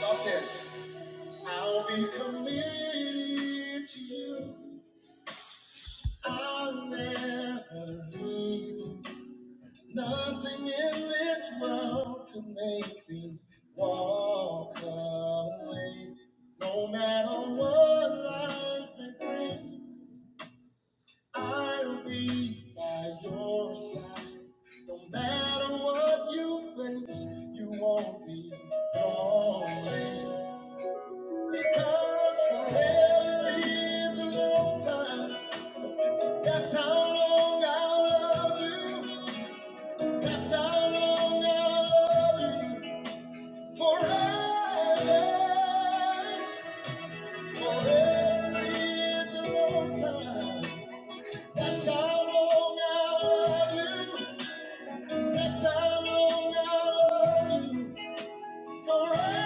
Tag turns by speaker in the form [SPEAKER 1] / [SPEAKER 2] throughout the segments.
[SPEAKER 1] God says, I'll be committed to you. I'll never leave you. Nothing in this world can make me walk away. No matter what life may bring, I'll be by your side. No matter what you face, you won't be lonely. Cause forever is a long time. That's how long I'll love you. That's how long I'll love you. Forever. Forever is a long time. That's how long I'll love you. That's how long I'll love you. Forever.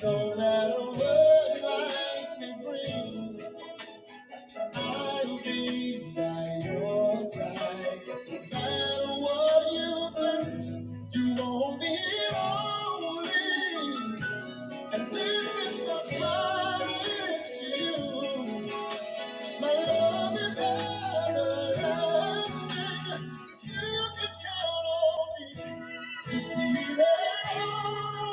[SPEAKER 1] No matter what life may bring. I'll be by your side. No matter what you face, you won't be lonely. And this is my promise to you. My love is everlasting. You can count on me to be there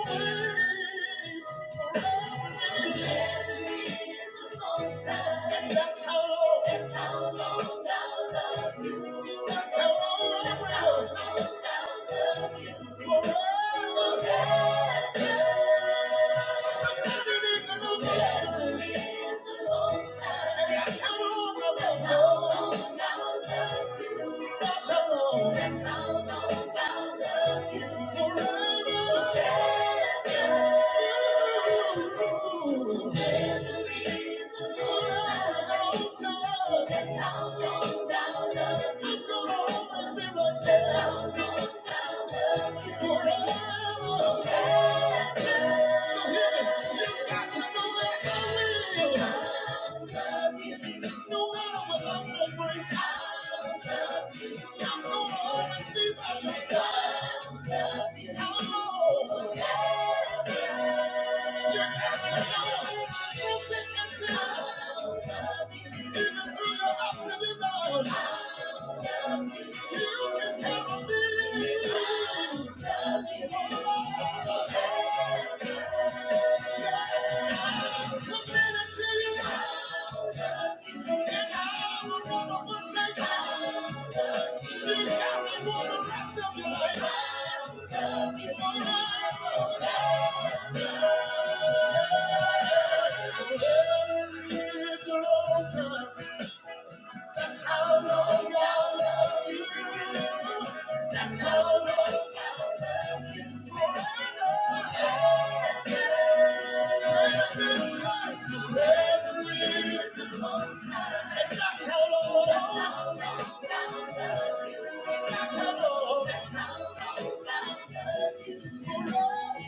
[SPEAKER 1] always. And that's how long. That's how long I love you. That's how long. That's how long I love you. Forever. Forever. Sometimes it is a long time. It is a long time. And that's how long I love you. That's how long I love you. That's how long. That's how long I love you. I'll always be by your side. It's a long time. That's how long I love you. That's how long I love you. Forever. Forever. Forever is a long time. And that's how long. That's how long I love you. That's how long. That's how long I love you. Forever.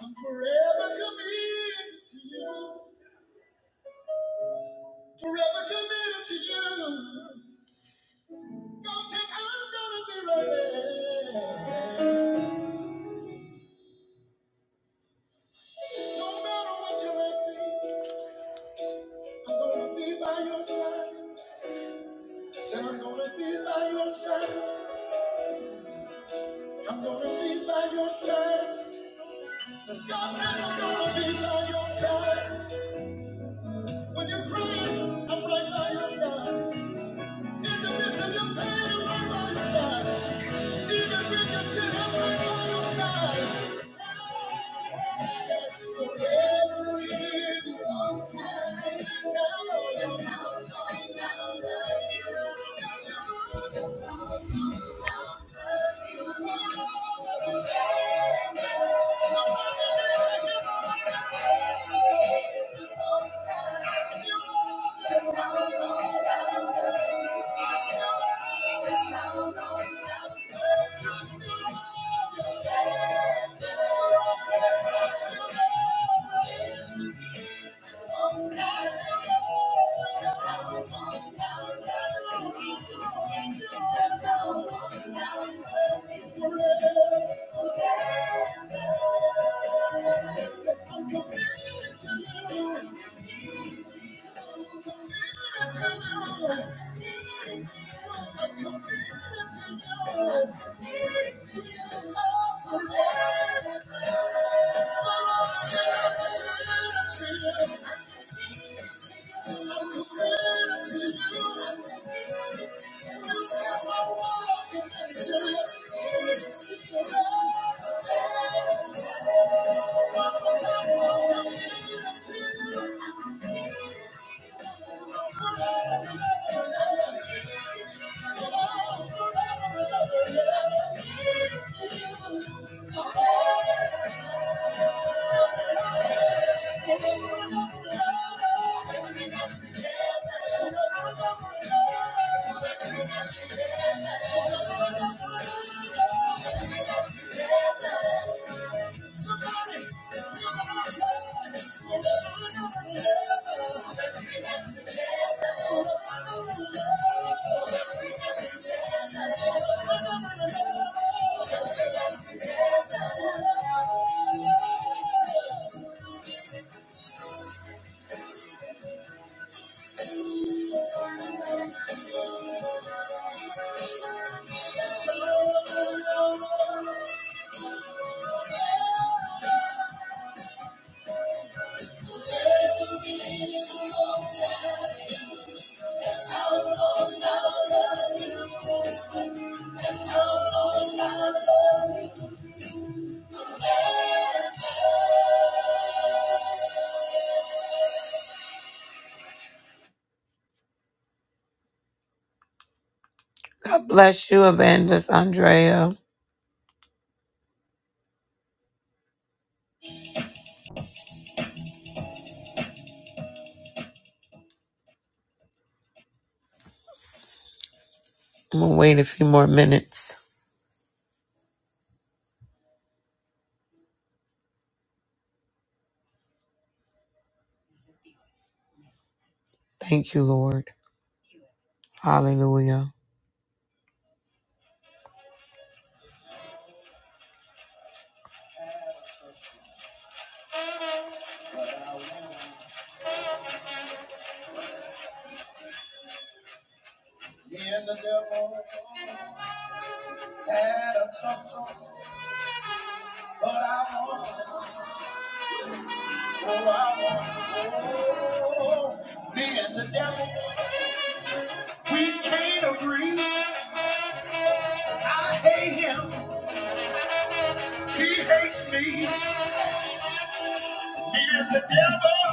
[SPEAKER 1] I'm forever committed to you. Forever committed to you. God says, I'm gonna be ready. No matter what you make me, I'm gonna be by your side. Said I'm gonna be by your side. I'm gonna be by your side. God said I'm gonna be by your side. When you're crying, I'm right by your side. In the midst of your pain, I'm right by your side. Thank you. Thank you. I'm I'm committed committed to you. I'm committed to you. Thank you. Thank you oh, Oh, Oh, God bless you, Evangelist Andrea. I'm gonna wait a few more minutes. Thank you, Lord. Hallelujah. Me and the devil, we can't agree. I hate him, he hates me. Me and the devil.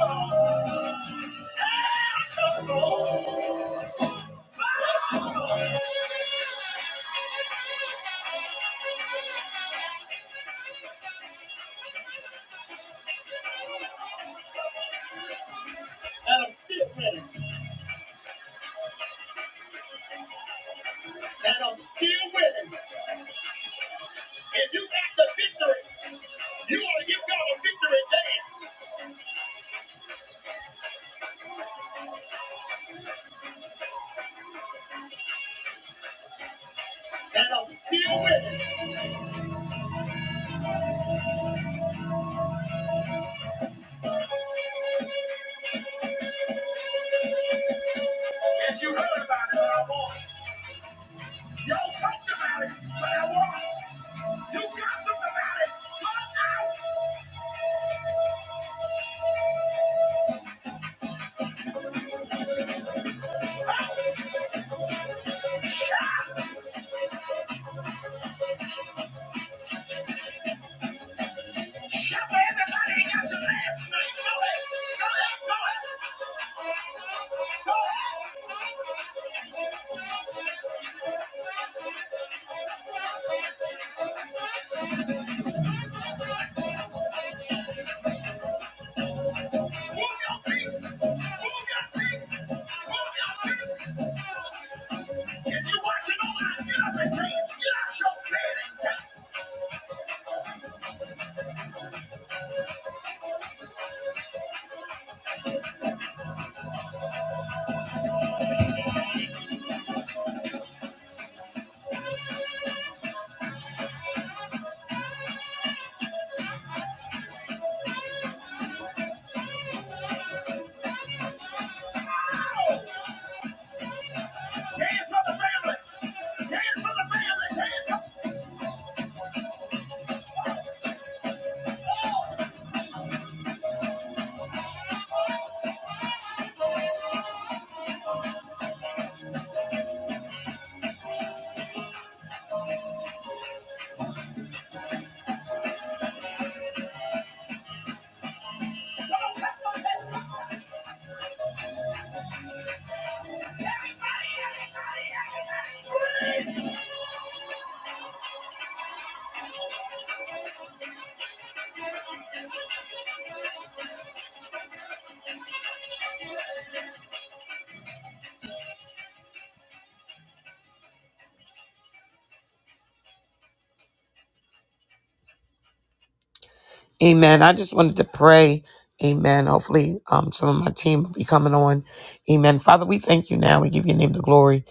[SPEAKER 1] That's why Everybody got your last name. Go ahead, go ahead, go ahead, go ahead. Move your- move your feet if you want to get up and dance. Get out your bed. Amen. I just wanted to pray. Amen. Hopefully, um, some of my team will be coming on. Amen. Father, we thank you now. We give your name the glory.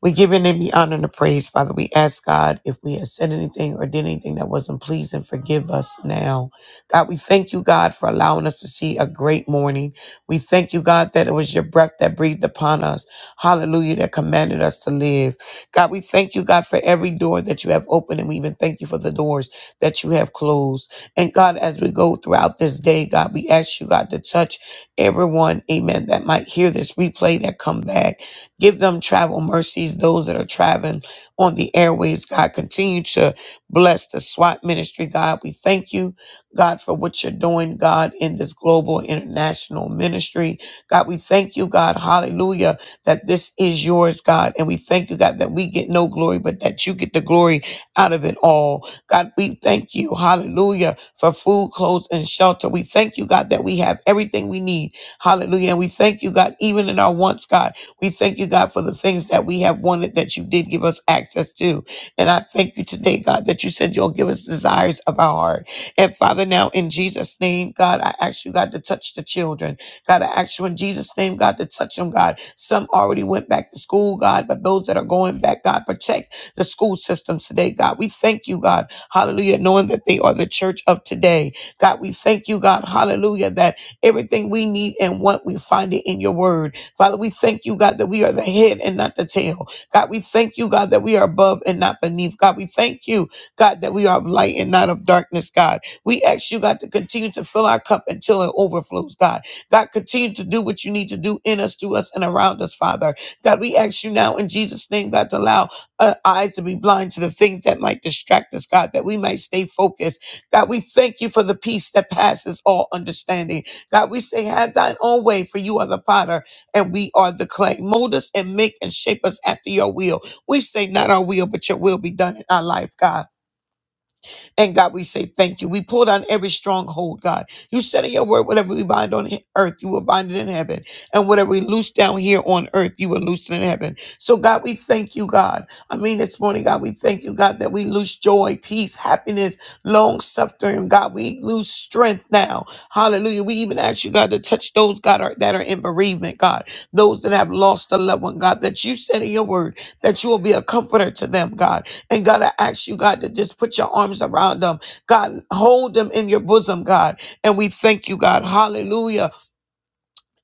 [SPEAKER 1] We give your name the honor and the praise, Father. We ask God if we have said anything or did anything that wasn't pleasing, forgive us now. God, we thank you, God, for allowing us to see a great morning. We thank you, God, that it was your breath that breathed upon us. Hallelujah, that commanded us to live. God, we thank you, God, for every door that you have opened, and we even thank you for the doors that you have closed. And God, as we go throughout this day, God, we ask you, God, to touch everyone, amen, that might hear this replay that come back. Give them travel mercies, those that are traveling on the airways, God. Continue to bless the SWAT ministry, God. We thank you, God, for what you're doing, God, in this global international ministry. God, we thank you, God, hallelujah, that this is yours, God. And we thank you, God, that we get no glory, but that you get the glory out of it all. God, we thank you, hallelujah, for food, clothes, and shelter. We thank you, God, that we have everything we need. Hallelujah. And we thank you, God, even in our wants, God. We thank you, God, for the things that we have wanted that you did give us access to. And I thank you today, God, that you said you'll give us desires of our heart. And Father, now in Jesus' name, God, I ask you, God, to touch the children. God, I ask you in Jesus' name, God, to touch them, God. Some already went back to school, God, but those that are going back, God, protect the school systems today, God. We thank you, God. Hallelujah. Knowing that they are the church of today. God, we thank you, God. Hallelujah. That everything we need and want, we find it in your word. Father, we thank you, God, that we are the head and not the tail. God, we thank you, God, that we are above and not beneath. God, we thank you, God, that we are of light and not of darkness, God. We ask you, God, to continue to fill our cup until it overflows, God. God, continue to do what you need to do in us, through us, and around us, Father. God, we ask you now in Jesus' name, God, to allow uh, eyes to be blind to the things that might distract us, God, that we might stay focused. God, we thank you for the peace that passes all understanding. God, we say, have thine own way, for you are the potter and we are the clay. Mold us and make and shape us after your will. We say, not our will, but your will be done in our life, God. And God, we say thank you. We pull down every stronghold, God. You said in your word, whatever we bind on he- earth, you will bind it in heaven. And whatever we loose down here on earth, you will loose it in heaven. So, God, we thank you, God. I mean, this morning, God, we thank you, God, that we lose joy, peace, happiness, long suffering, God. We lose strength now. Hallelujah. We even ask you, God, to touch those, God, are, that are in bereavement, God, those that have lost a loved one, God, that you said in your word that you will be a comforter to them, God. And God, I ask you, God, to just put your arms around them. God, hold them in your bosom, God. And we thank you, God. Hallelujah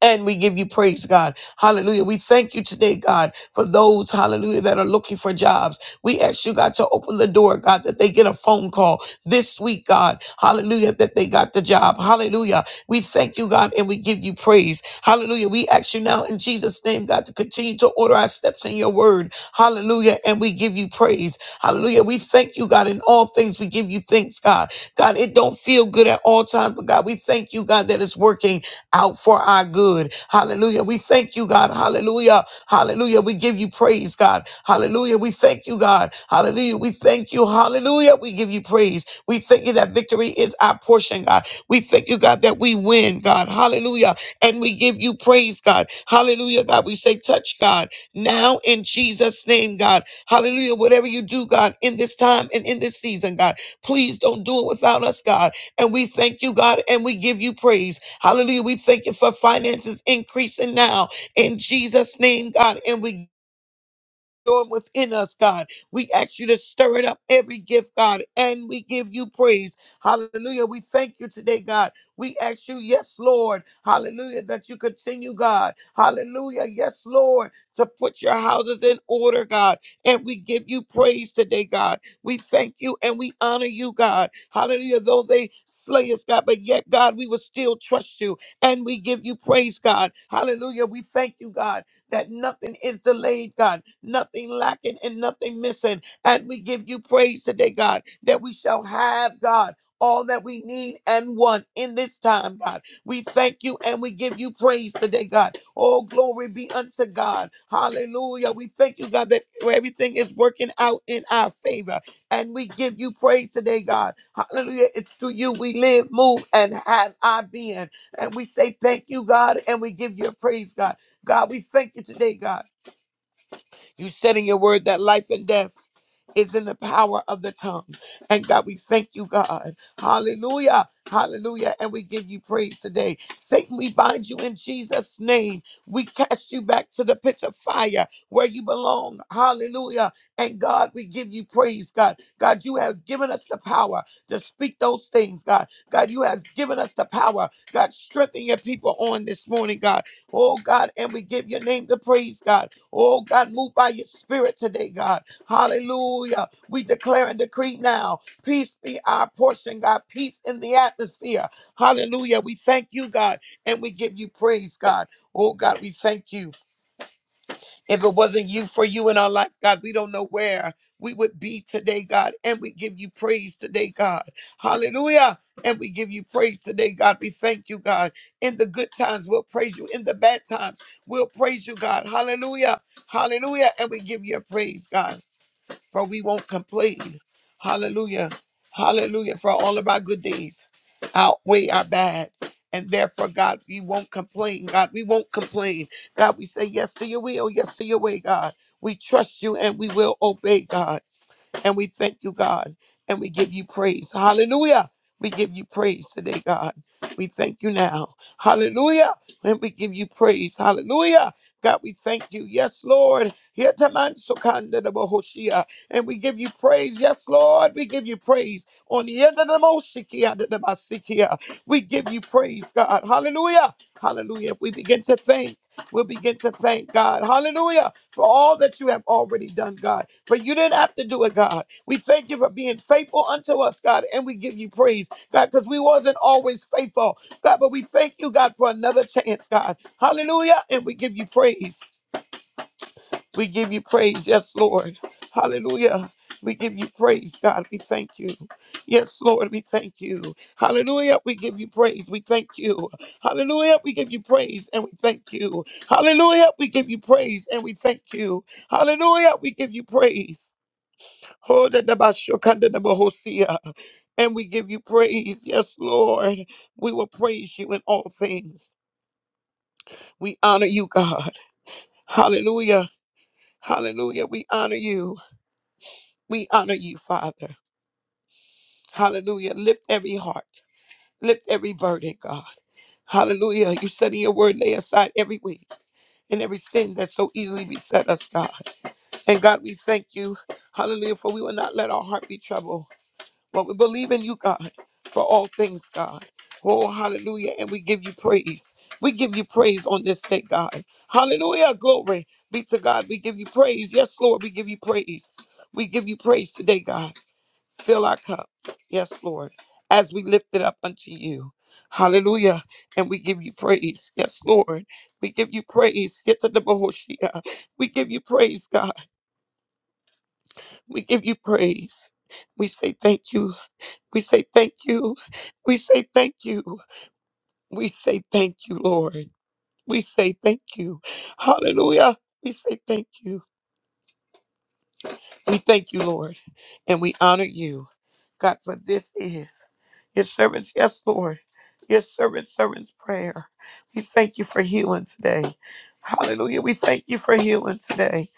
[SPEAKER 1] and we give you praise, God. Hallelujah. We thank you today, God, for those, hallelujah, that are looking for jobs. We ask you, God, to open the door, God, that they get a phone call this week, God. Hallelujah, that they got the job. Hallelujah. We thank you, God, and we give you praise. Hallelujah. We ask you now in Jesus' name, God, to continue to order our steps in your word. Hallelujah. And we give you praise. Hallelujah. We thank you, God, in all things. We give you thanks, God. God, it don't feel good at all times, but God, we thank you, God, that it's working out for our good. Hallelujah. We thank you, God. Hallelujah. Hallelujah. We give you praise, God. Hallelujah. We thank you, God. Hallelujah. We thank you. Hallelujah. We give you praise. We thank you that victory is our portion, God. We thank you, God, that we win, God. Hallelujah. And we give you praise, God. Hallelujah, God. We say, touch, God, now in Jesus' name, God. Hallelujah. Whatever you do, God, in this time and in this season, God, please don't do it without us, God. And we thank you, God, and we give you praise. Hallelujah. We thank you for finances increasing now in Jesus' name, God. And we doing within us, God. We ask you to stir it up every gift, God, and we give you praise. Hallelujah. We thank you today, God. We ask you, yes, Lord. Hallelujah, that you continue, God. Hallelujah, yes, Lord, to put your houses in order, God. And we give you praise today, God. We thank you and we honor you, God. Hallelujah. Though they slay us, God, but yet, God, we will still trust you and we give you praise, God. Hallelujah. We thank you, God that nothing is delayed, God, nothing lacking and nothing missing. And we give you praise today, God, that we shall have, God, all that we need and want in this time, God. We thank you and we give you praise today, God. All glory be unto God. Hallelujah. We thank you, God, that everything is working out in our favor. And we give you praise today, God. Hallelujah. It's to you we live, move, and have our being. And we say thank you, God, and we give you praise, God. God, we thank you today, God. You said in your word that life and death is in the power of the tongue. And God, we thank you, God. Hallelujah. Hallelujah. And we give you praise today. Satan, we bind you in Jesus' name. We cast you back to the pit of fire where you belong. Hallelujah. And God, we give you praise, God. God, you have given us the power to speak those things, God. God, you have given us the power. God, strengthen your people on this morning, God. Oh, God, and we give your name the praise, God. Oh, God, move by your spirit today, God. Hallelujah. We declare and decree now. Peace be our portion, God. Peace in the atmosphere. Hallelujah. We thank you, God, and we give you praise, God. Oh, God, we thank you. If it wasn't you for you in our life, God, we don't know where we would be today, God. And we give you praise today, God. Hallelujah. And we give you praise today, God. We thank you, God. In the good times, we'll praise you. In the bad times, we'll praise you, God. Hallelujah. Hallelujah. And we give you praise, God for we won't complain. Hallelujah. Hallelujah. For all of our good days outweigh our bad. And therefore, God, we won't complain. God, we won't complain. God, we say yes to your will, yes to your way, God. We trust you and we will obey, God. And we thank you, God, and we give you praise. Hallelujah. We give you praise today, God. We thank you now. Hallelujah. And we give you praise. Hallelujah. God, we thank you. Yes, Lord. Yetamansukandadabohoshia. And we give you praise. Yes, Lord. We give you praise. On the end of the Moshikia, the Masikia. We give you praise, God. Hallelujah. Hallelujah. We begin to thank. We'll begin to thank God. Hallelujah. For all that you have already done, God. But you didn't have to do it, God. We thank you for being faithful unto us, God, and we give you praise, God, because we wasn't always faithful, God. But we thank you, God, for another chance, God. Hallelujah, and we give you praise. We give you praise, yes, Lord. Hallelujah. We give you praise, God. We thank you. Yes, Lord, we thank you. Hallelujah. We give you praise. We thank you. Hallelujah. We give you praise and we thank you. Hallelujah. We give you praise and we thank you. Hallelujah. We give you praise. Oh, that the Bashokanda the Bohosia. And we give you praise. Yes, Lord. We will praise you in all things. We honor you, God. Hallelujah. Hallelujah. We honor you. We honor you, Father. Hallelujah. Lift every heart. Lift every burden, God. Hallelujah. You said in your word, lay aside every weight and every sin that so easily beset us, God. And God, we thank you. Hallelujah. For we will not let our heart be troubled. But we believe in you, God, for all things, God. Oh, hallelujah. And we give you praise. We give you praise on this day, God. Hallelujah. Glory be to God. We give you praise. Yes, Lord, we give you praise. We give you praise today, God. Fill our cup. Yes, Lord, as we lift it up unto you. Hallelujah. And we give you praise. Yes, Lord. We give you praise. Get to the Bahoshia. We give you praise, God. We give you praise. We say thank you. We say thank you. We say thank you. We say thank you, Lord. We say thank you. Hallelujah. We say thank you. We thank you, Lord. And we honor you, God, for this is your servants. Yes, Lord. Your servants, servants prayer. We thank you for healing today. Hallelujah. We thank you for healing today.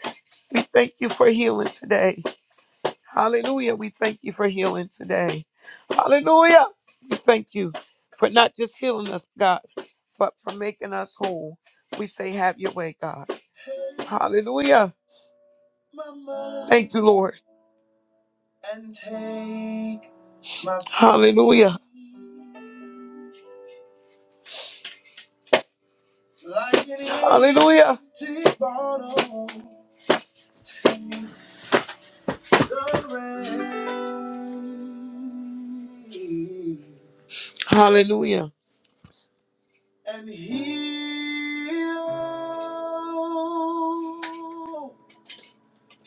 [SPEAKER 1] We thank you for healing today. Hallelujah. We thank you for healing today. Hallelujah. We thank you for not just healing us, God, but for making us whole. We say, have your way, God. Hallelujah. Mama, Thank you, Lord. And take my Hallelujah. peace Like an Hallelujah. empty bottle in the rain. Hallelujah. And heal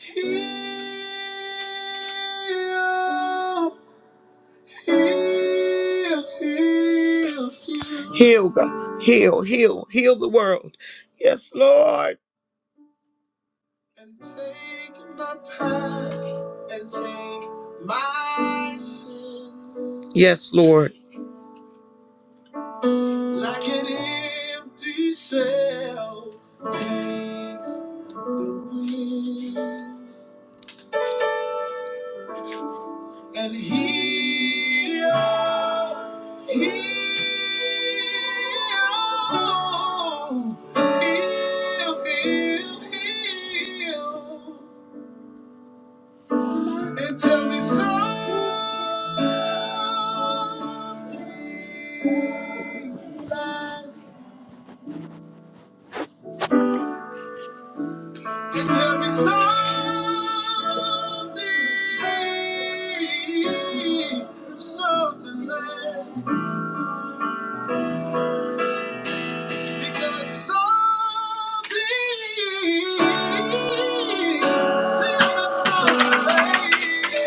[SPEAKER 1] Heal, heal, heal, heal. Heal, God. Heal, heal, heal the world. Yes, Lord. And take my past and take my sins. Yes, Lord. Like an empty shell takes the wind. and heal, heal, heal, heal, heal, and tell me something lies, and tell me something, something lies.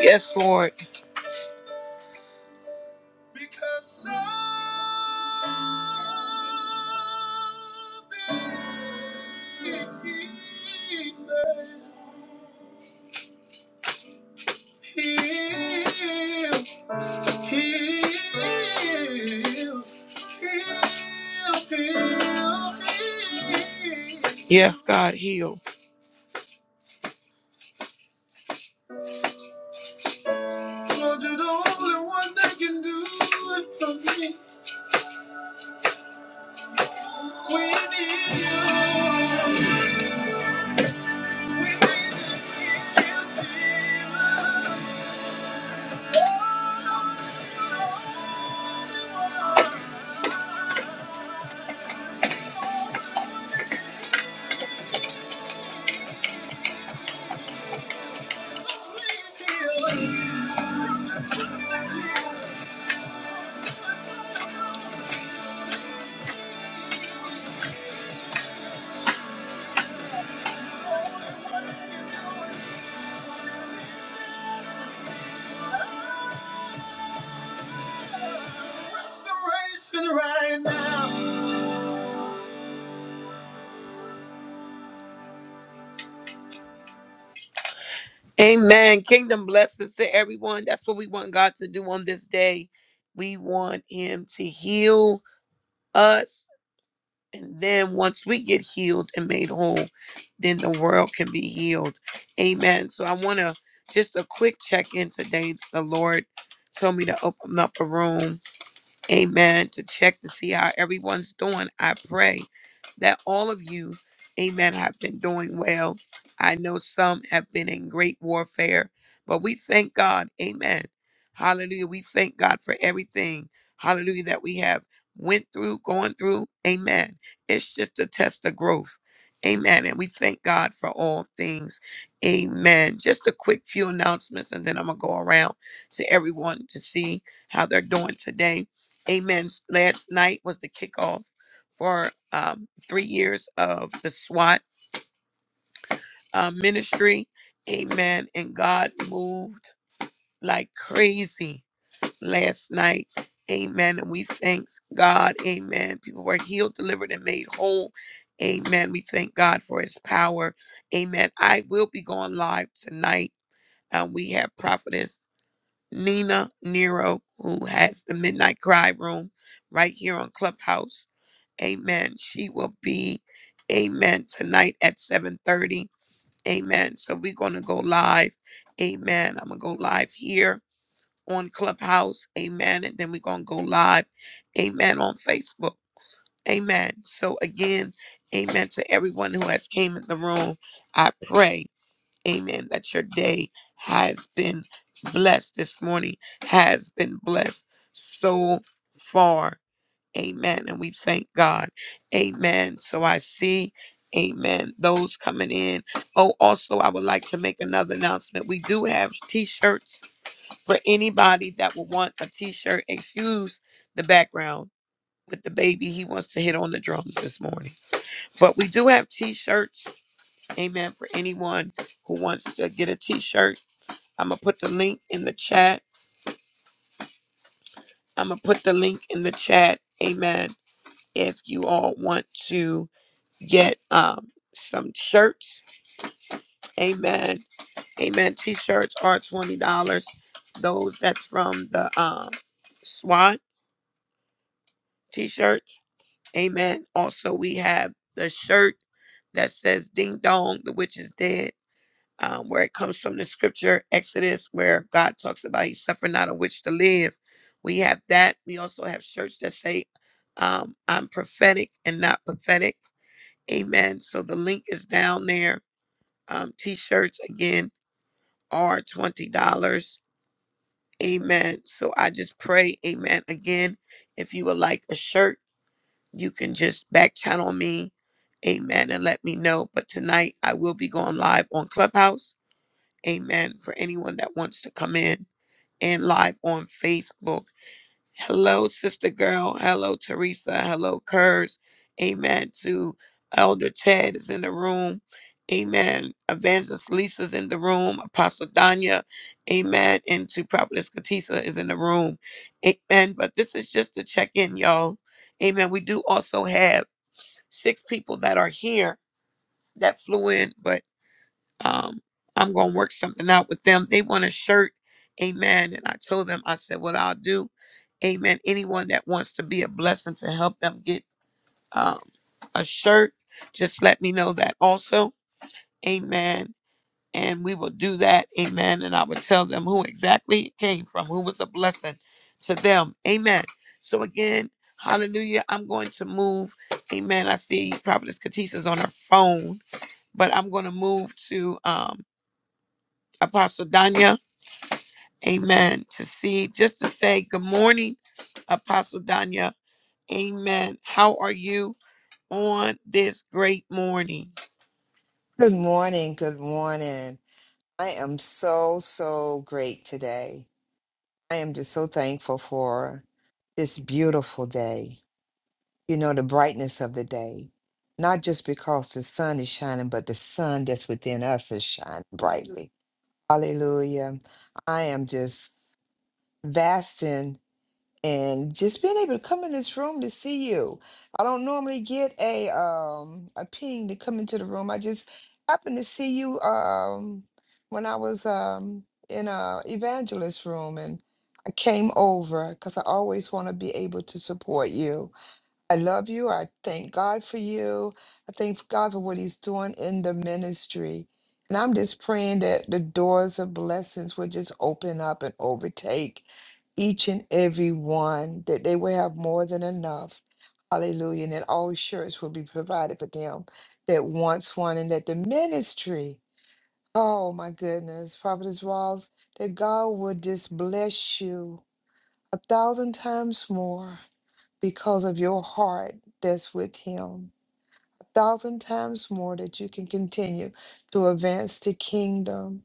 [SPEAKER 1] Yes, Lord. Yes, God, heal. Lord, you're the only one that can do it for me. We need you. We need you. Restoration right now. Amen. Kingdom blessings to everyone. That's what we want God to do on this day. We want Him to heal us. And then once we get healed and made whole, then the world can be healed. Amen. So I want to just a quick check in today. The Lord told me to open up a room amen, to check to see how everyone's doing. I pray that all of you, amen, have been doing well. I know some have been in great warfare, but we thank God, amen. Hallelujah. We thank God for everything, hallelujah, that we have went through, going through, amen. It's just a test of growth. Amen. And we thank God for all things. Amen. Just a quick few announcements, and then I'm going to go around to everyone to see how they're doing today. Amen. Last night was the kickoff for um, three years of the SWAT uh, ministry. Amen. And God moved like crazy last night. Amen. And we thank God. Amen. People were healed, delivered, and made whole. Amen. We thank God for his power. Amen. I will be going live tonight. And we have prophetess Nina Nero, who has the Midnight Cry Room right here on Clubhouse. Amen. She will be, amen, tonight at 7.30. Amen. So we're going to go live. Amen. I'm going to go live here on Clubhouse. Amen. And then we're going to go live. Amen. On Facebook. Amen. So again, amen to everyone who has came in the room. I pray, amen, that your day has been blessed this morning, has been blessed so far. Amen. And we thank God. Amen. So I see, amen, those coming in. Oh, also, I would like to make another announcement. We do have t shirts for anybody that would want a t shirt. Excuse the background with the baby. He wants to hit on the drums this morning. But we do have t shirts. Amen. For anyone who wants to get a t shirt, I'm going to put the link in the chat. I'm going to put the link in the chat. Amen. If you all want to. get um some shirts. Amen. Amen. T-shirts are twenty dollars. Those that's from the um SWAT T-shirts. Amen. Also, we have the shirt that says "Ding Dong, the witch is dead," um, where it comes from the scripture Exodus, where God talks about He suffered not a witch to live. We have that. We also have shirts that say um, "I'm prophetic and not pathetic." Amen. So the link is down there um, t-shirts again are $20 amen so i just pray amen again if you would like a shirt you can just back channel me amen and let me know but tonight i will be going live on clubhouse amen for anyone that wants to come in and live on facebook Hello, sister girl. Hello, Teresa. Hello, Kurz. Amen. To Elder Ted is in the room. Amen. Evangelist Lisa's in the room. Apostle Danya. Amen. And to Prophetess Katisa is in the room. Amen. But this is just to check in, y'all. Amen. We do also have six people that are here that flew in, but um, I'm going to work something out with them. They want a shirt. Amen. And I told them, I said, what I'll do. Amen. Anyone that wants to be a blessing to help them get um, a shirt, just let me know that also. Amen. And we will do that. Amen. And I will tell them who exactly it came from, who was a blessing to them. Amen. So again, hallelujah. I'm going to move. Amen. I see Prophetess Katisha's on her phone, but I'm going to move to um, Apostle Danya. Amen. To see, just to say good morning, Apostle Danya. Amen. How are you on this great morning?
[SPEAKER 2] Good morning. Good morning. I am so, so great today. I am just so thankful for this beautiful day. You know, the brightness of the day, not just because the sun is shining, but the sun that's within us is shining brightly. Hallelujah. I am just vasting and just being able to come in this room to see you. I don't normally get a um a ping to come into the room. I just happened to see you um when I was um in a evangelist room and I came over because I always want to be able to support you I love you. I thank God for you. I thank God for what He's doing in the ministry. And I'm just praying that the doors of blessings will just open up and overtake each and every one, that they will have more than enough. Hallelujah. And that all shirts will be provided for them that wants one, and that the ministry, oh my goodness, Prophetess Walls, that God will just bless you a thousand times more because of your heart that's with him a thousand times more that you can continue to advance the kingdom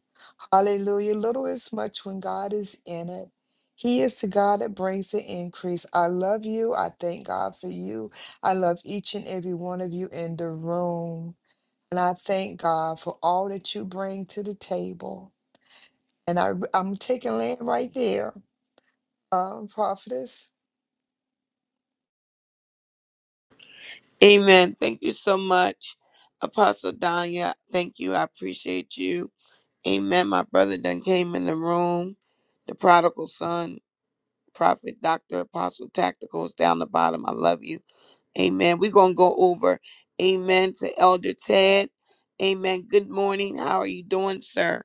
[SPEAKER 2] hallelujah little is much when god is in it he is the God that brings the increase. I love you. I thank God for you. I love each and every one of you in the room. And I thank God for all that you bring to the table. And I, I'm taking land right there, um, prophetess.
[SPEAKER 1] Amen. Thank you so much, Apostle Danya. Thank you. I appreciate you. Amen. My brother done came in the room, the prodigal son. Prophet, Dr. Apostle Tacticals down the bottom. I love you. Amen. We're going to go over. Amen to Elder Ted. Amen. Good morning. How are you doing, sir?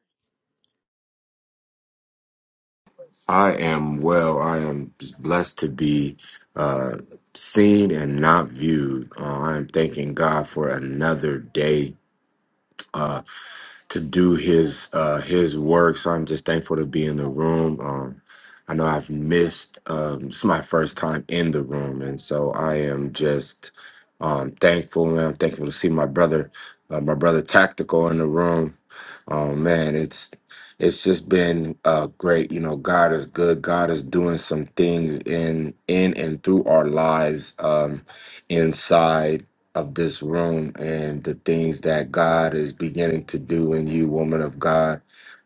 [SPEAKER 3] I am well. I am just blessed to be uh, seen and not viewed. Uh, I am thanking God for another day uh, to do his uh, his work. So I'm just thankful to be in the room. Um, I know I've missed. Um, this my first time in the room, and so I am just um, thankful, and I'm thankful to see my brother, uh, my brother Tactical, in the room. Oh man, it's it's just been uh, great. You know, God is good. God is doing some things in in and through our lives, um, inside of this room and the things that God is beginning to do in you, woman of God.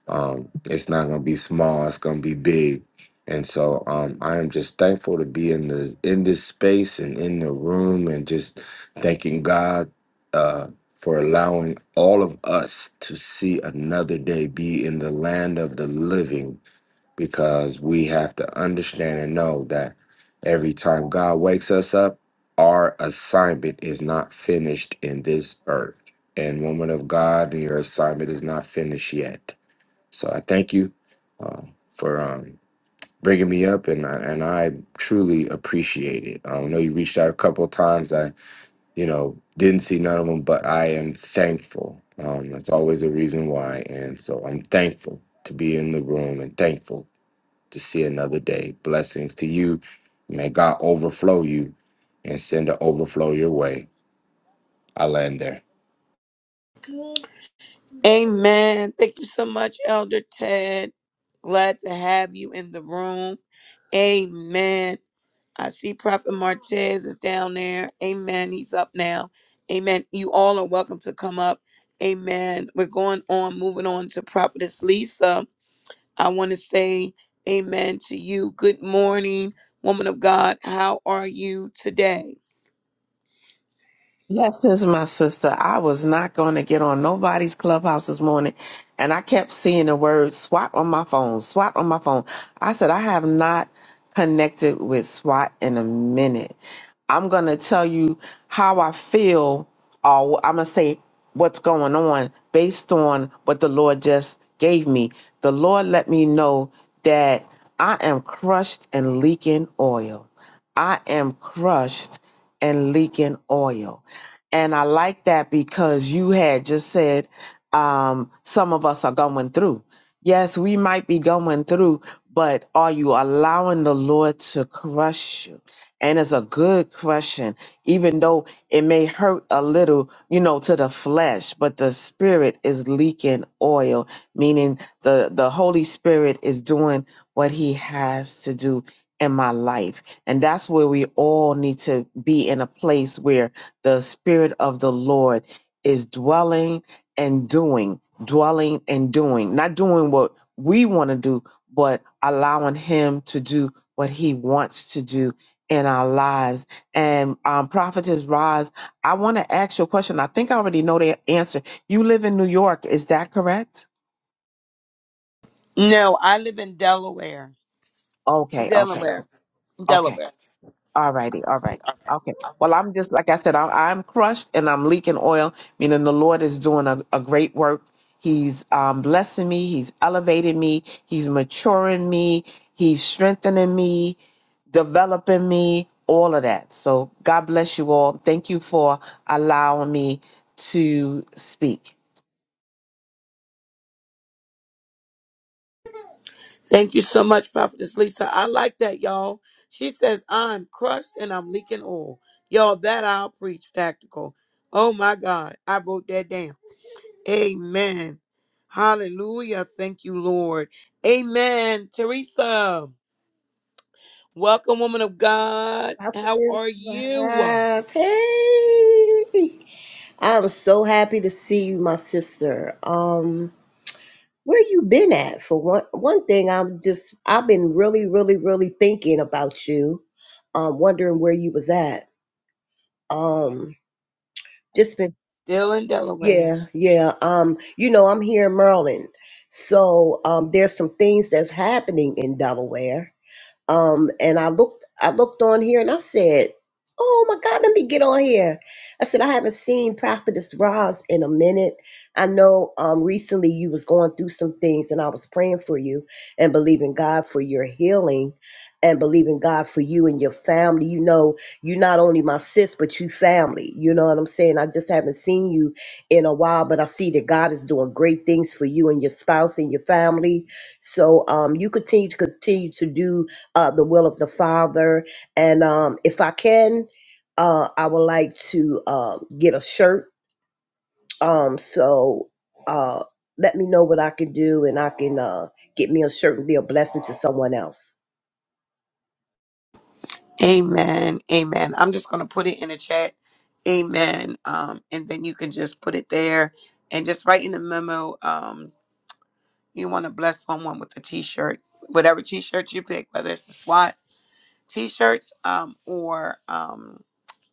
[SPEAKER 3] Um, it's not going to be small; it's going to be big. And so, um, I am just thankful to be in the in this space and in the room, and just thanking God uh, for allowing all of us to see another day, be in the land of the living because we have to understand and know that every time God wakes us up, our assignment is not finished in this earth. And woman of God, your assignment is not finished yet. So I thank you um, for um, bringing me up, and I, and I truly appreciate it. Um, I know you reached out a couple of times. I you know didn't see none of them, but I am thankful. Um, that's always a reason why, and so I'm thankful to be in the room and thankful to see another day. Blessings to you. May God overflow you and send an overflow your way. I land there.
[SPEAKER 1] Amen. Thank you so much, Elder Ted. Glad to have you in the room. Amen. I see Prophet Martez is down there. Amen. He's up now. Amen. You all are welcome to come up. Amen. We're going on, moving on to Prophetess Lisa. I want to say amen to you. Good morning, woman of God. How are you today?
[SPEAKER 4] Blessings, my sister. I was not going to get on nobody's clubhouse this morning, and I kept seeing the word SWAT on my phone, SWAT on my phone. I said, I have not connected with SWAT in a minute. I'm going to tell you how I feel, or I'm going to say what's going on based on what the Lord just gave me. The Lord let me know that I am crushed and leaking oil. I am crushed and leaking oil. And I like that because you had just said um, some of us are going through. Yes, we might be going through, but are you allowing the Lord to crush you? And it's a good crushing, even though it may hurt a little, you know, to the flesh, but the spirit is leaking oil, meaning the, the Holy Spirit is doing what he has to do in my life and that's where we all need to be in a place where the Spirit of the Lord is dwelling and doing, dwelling and doing, not doing what we want to do, but allowing Him to do what He wants to do in our lives. And um, Prophetess Roz, I want to ask you a question. I think I already know the answer. You live in New York, is that correct?
[SPEAKER 1] No, I live in Delaware.
[SPEAKER 4] Okay, okay,
[SPEAKER 1] Delaware.
[SPEAKER 4] okay.
[SPEAKER 1] Delaware.
[SPEAKER 4] All righty, all right. Okay. Well, I'm just like I said, I'm, I'm crushed and I'm leaking oil, meaning the Lord is doing a, a great work. He's um, blessing me, He's elevating me, He's maturing me, He's strengthening me, developing me, all of that. So, God bless you all. Thank you for allowing me to speak.
[SPEAKER 1] Thank you so much, Prophetess Lisa. I like that, y'all. She says, I'm crushed and I'm leaking oil. Y'all, that I'll preach tactical. Oh my God. I wrote that down. Amen. Hallelujah. Thank you, Lord. Amen. Teresa, welcome, woman of God. How
[SPEAKER 5] Prophetess
[SPEAKER 1] are you?
[SPEAKER 5] Rise. Hey, I'm so happy to see you, my sister. Um, where you been at? For one, one thing, I'm just I've been really, really, really thinking about you. Um, wondering where you was at. Um, just been
[SPEAKER 1] Still in Delaware.
[SPEAKER 5] yeah, yeah. Um, you know, I'm here in Maryland, so um, there's some things that's happening in Delaware. Um, and I looked, I looked on here and I said, "Oh my God, let me get on here." I said, "I haven't seen Prophetess Roz in a minute. I know um, recently you was going through some things, and I was praying for you and believing God for your healing." And believing God for you and your family. You know, you not only my sis, but you family. You know what I'm saying? I just haven't seen you in a while, but I see that God is doing great things for you and your spouse and your family. So um, you continue to continue to do uh, the will of the Father. And um, if I can, uh, I would like to uh, get a shirt. Um, so uh, let me know what I can do, and I can uh, get me a shirt and be a blessing to someone else.
[SPEAKER 1] Amen. Amen. I'm just going to put it in the chat. Amen. Um, and then you can just put it there and just write in the memo. Um, You want to bless someone with a t shirt, whatever t shirt you pick, whether it's a SWAT t-shirts um, or um,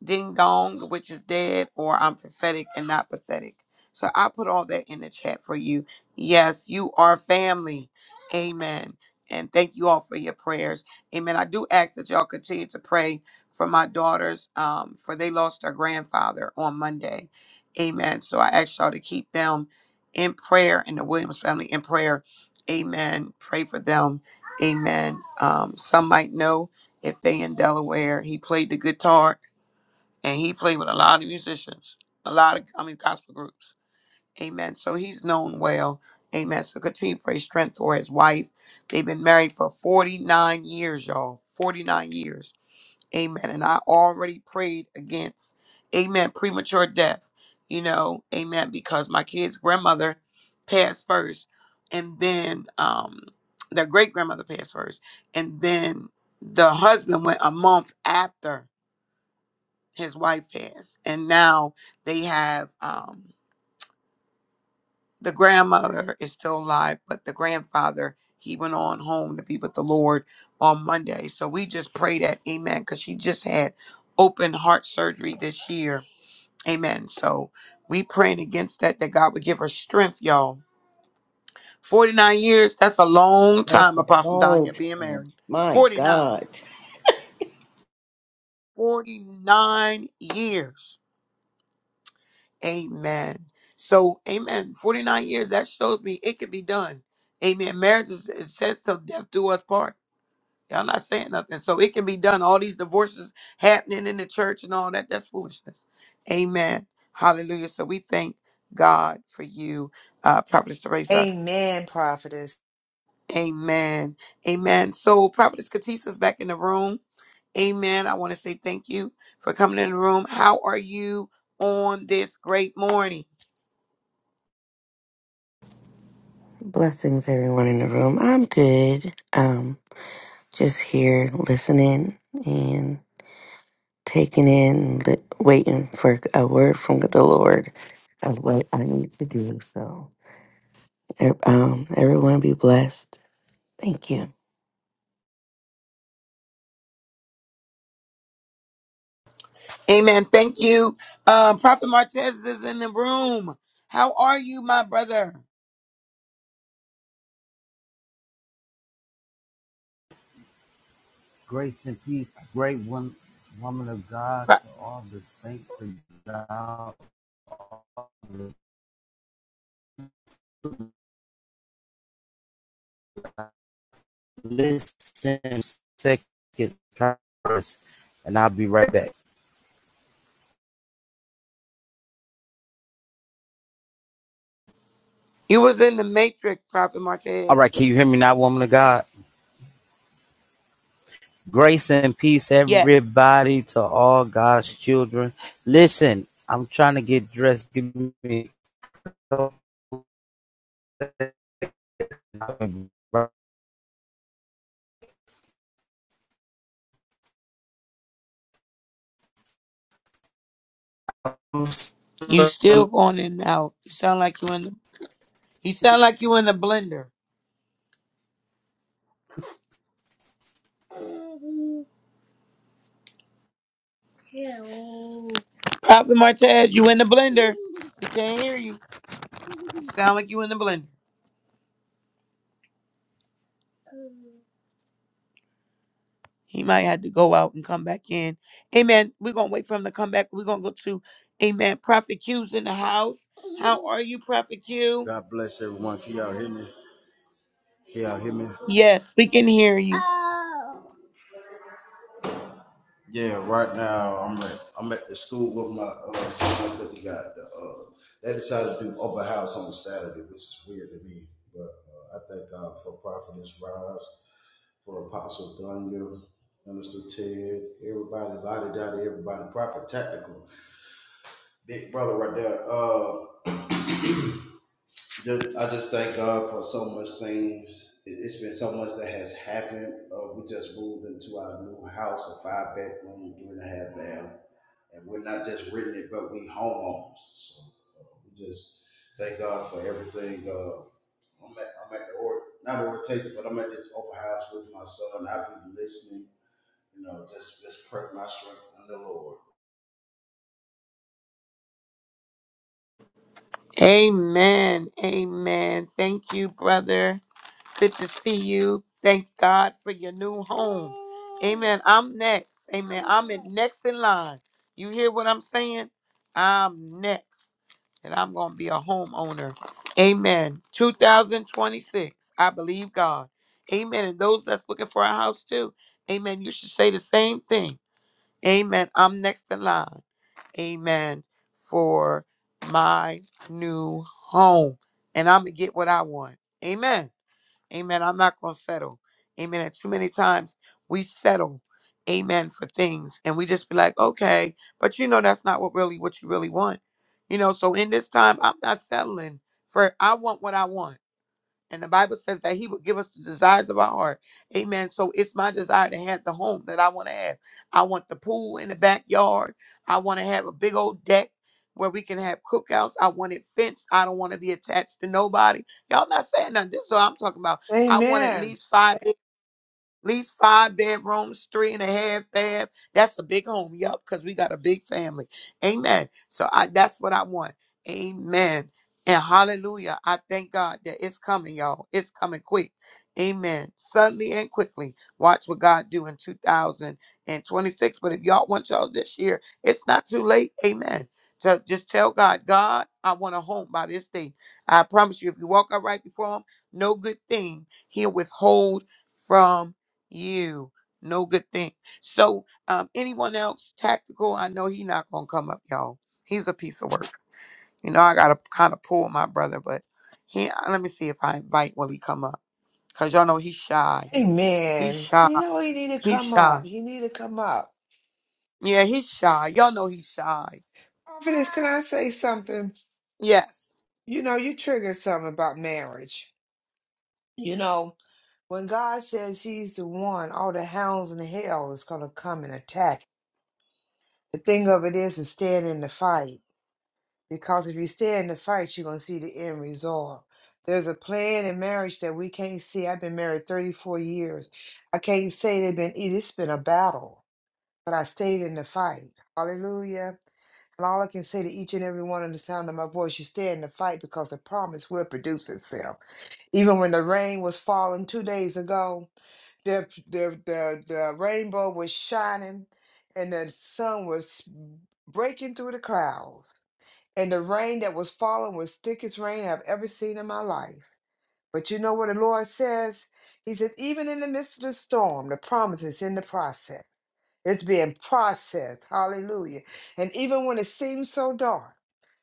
[SPEAKER 1] ding dong which is dead or i'm prophetic and not pathetic so i put all that in the chat for you yes you are family amen and thank you all for your prayers amen i do ask that y'all continue to pray for my daughters um, for they lost their grandfather on monday amen so i ask y'all to keep them in prayer and the williams family in prayer amen pray for them amen um, some might know if they in Delaware. He played the guitar and he played with a lot of musicians, a lot of I mean gospel groups. Amen. So he's known well. Amen. So continue to pray strength for his wife. They've been married for 49 years, y'all. 49 years. Amen. And I already prayed against, amen, premature death, you know, amen, because my kid's grandmother passed first, and then um, their great grandmother passed first, and then the husband went a month after his wife passed, and now they have um the grandmother is still alive, but the grandfather, he went on home to be with the Lord on Monday. So we just pray that, amen, because she just had open heart surgery this year. Amen. So we praying against that, that God would give her strength, y'all. 49 years, that's a long
[SPEAKER 5] That's
[SPEAKER 1] time,
[SPEAKER 5] a
[SPEAKER 1] Apostle
[SPEAKER 5] long
[SPEAKER 1] Danya, being
[SPEAKER 5] time.
[SPEAKER 1] married.
[SPEAKER 5] My
[SPEAKER 1] 49.
[SPEAKER 5] God.
[SPEAKER 1] 49 years. Amen. So, amen. 49 years, that shows me it can be done. Amen. Marriage is, it says till death do us part. Y'all not saying nothing. So, it can be done. All these divorces happening in the church and all that, that's foolishness. Amen. Hallelujah. So, we thank God for you, uh, Prophetess Teresa.
[SPEAKER 2] Amen, prophetess.
[SPEAKER 1] Amen. Amen. So Prophetess Katisa's back in the room. Amen. I want to say thank you for coming in the room. How are you on this great morning?
[SPEAKER 6] Blessings, everyone in the room. I'm good. Um, just here listening and taking in, li- waiting for a word from the Lord of what I need to do. So, e- um, everyone be blessed. Thank you.
[SPEAKER 1] Amen. Thank you. Um, Prophet Martez is in the room. How are you, my brother? Pro- You was in the matrix, Prophet Martez. Yes. You still going in and out. You sound like you in the you sound like you in the blender. Prophet Martez, you in the blender. We can't hear you. Sound like you in the blender. He might have to go out and come back in. Amen. We're gonna wait for him to come back. We're gonna go to Amen. Prophet Q's in the house. How are you, Prophet Q?
[SPEAKER 7] God bless everyone. Can y'all hear me? Can y'all hear me?
[SPEAKER 1] Yes, we can hear you.
[SPEAKER 7] Yeah, right now I'm at I'm at the school with my uh, son because he got the uh, they decided to do open house on Saturday, which is weird to me. But uh, I thank God for Prophetess Rise, for Apostle Daniel, Minister Ted, everybody, Lottie Dottie, everybody, Prophet Tactical, Big Brother right there. Uh just I just thank God for so much things. It- It's been so much that has happened. Uh, we just moved into our new house, a five bedroom, three and a half bath, and we're not just renting it, but we homeowners. So uh, we just thank God for everything. Uh, I'm at I'm at the or not orientation, but I'm at this open house with my son. I've been listening, you know, just just prep my strength in the Lord.
[SPEAKER 1] Amen. Amen. Thank you, brother. Good to see you. Thank God for your new home. Amen. I'm next. Amen. I'm in next in line. You hear what I'm saying? I'm next. And I'm going to be a homeowner. Amen. 2026. I believe God. Amen. And those that's looking for a house too. Amen. You should say the same thing. Amen. I'm next in line. Amen. For my new home. And I'm going to get what I want. Amen. Amen. I'm not going to settle. Amen. And too many times we settle, amen, for things and we just be like, okay, but you know, that's not what really, what you really want. You know, so in this time, I'm not settling for, I want what I want. And the Bible says that He will give us the desires of our heart. Amen. So it's my desire to have the home that I want to have. I want the pool in the backyard. I want to have a big old deck where we can have cookouts. I want it fenced. I don't want to be attached to nobody. Y'all not saying nothing. This is what I'm talking about. I want at
[SPEAKER 2] Amen.
[SPEAKER 1] least five. At least five bedrooms, three and a half bath. That's a big home, yup, because we got a big family. Amen. So I that's what I want. Amen. And hallelujah. I thank God that it's coming, y'all. It's coming quick. Amen. Suddenly and quickly. Watch what God do in 2026. But if y'all want y'all this year, it's not too late. Amen. So just tell God, God, I want a home by this day. I promise you, if you walk out right before him, no good thing he'll withhold from you, no good thing. So, um, anyone else tactical? I know he not gonna come up, y'all. He's a piece of work. You know, I gotta kind of pull my brother, but he. uh, Let me see if I invite when we come up, cause y'all know he's shy.
[SPEAKER 2] Hey
[SPEAKER 1] He's
[SPEAKER 2] man,
[SPEAKER 1] shy.
[SPEAKER 2] you know he need to
[SPEAKER 1] He's
[SPEAKER 2] come
[SPEAKER 1] shy.
[SPEAKER 2] up. He need to come up.
[SPEAKER 1] Yeah, he's shy. Y'all know he's shy.
[SPEAKER 2] Confidence, can I say something?
[SPEAKER 1] Yes.
[SPEAKER 2] You know, you triggered something about marriage. You know, when God says he's the one, all the hounds in hell is gonna come and attack. The thing of it is to stand in the fight. Because if you stay in the fight, you're gonna see the end result. There's a plan in marriage that we can't see. I've been married 34 years. I can't say they've been it's been a battle but I stayed in the fight. Hallelujah. And all I can say to each and every one on the sound of my voice, you stay in the fight because the promise will produce itself. Even when the rain was falling two days ago, the the the, the rainbow was shining and the sun was breaking through the clouds. And the rain that was falling was thickest rain I've ever seen in my life. But you know what the Lord says? He says, even in the midst of the storm, the promise is in the process. It's being processed. Hallelujah. And even when it seems so dark,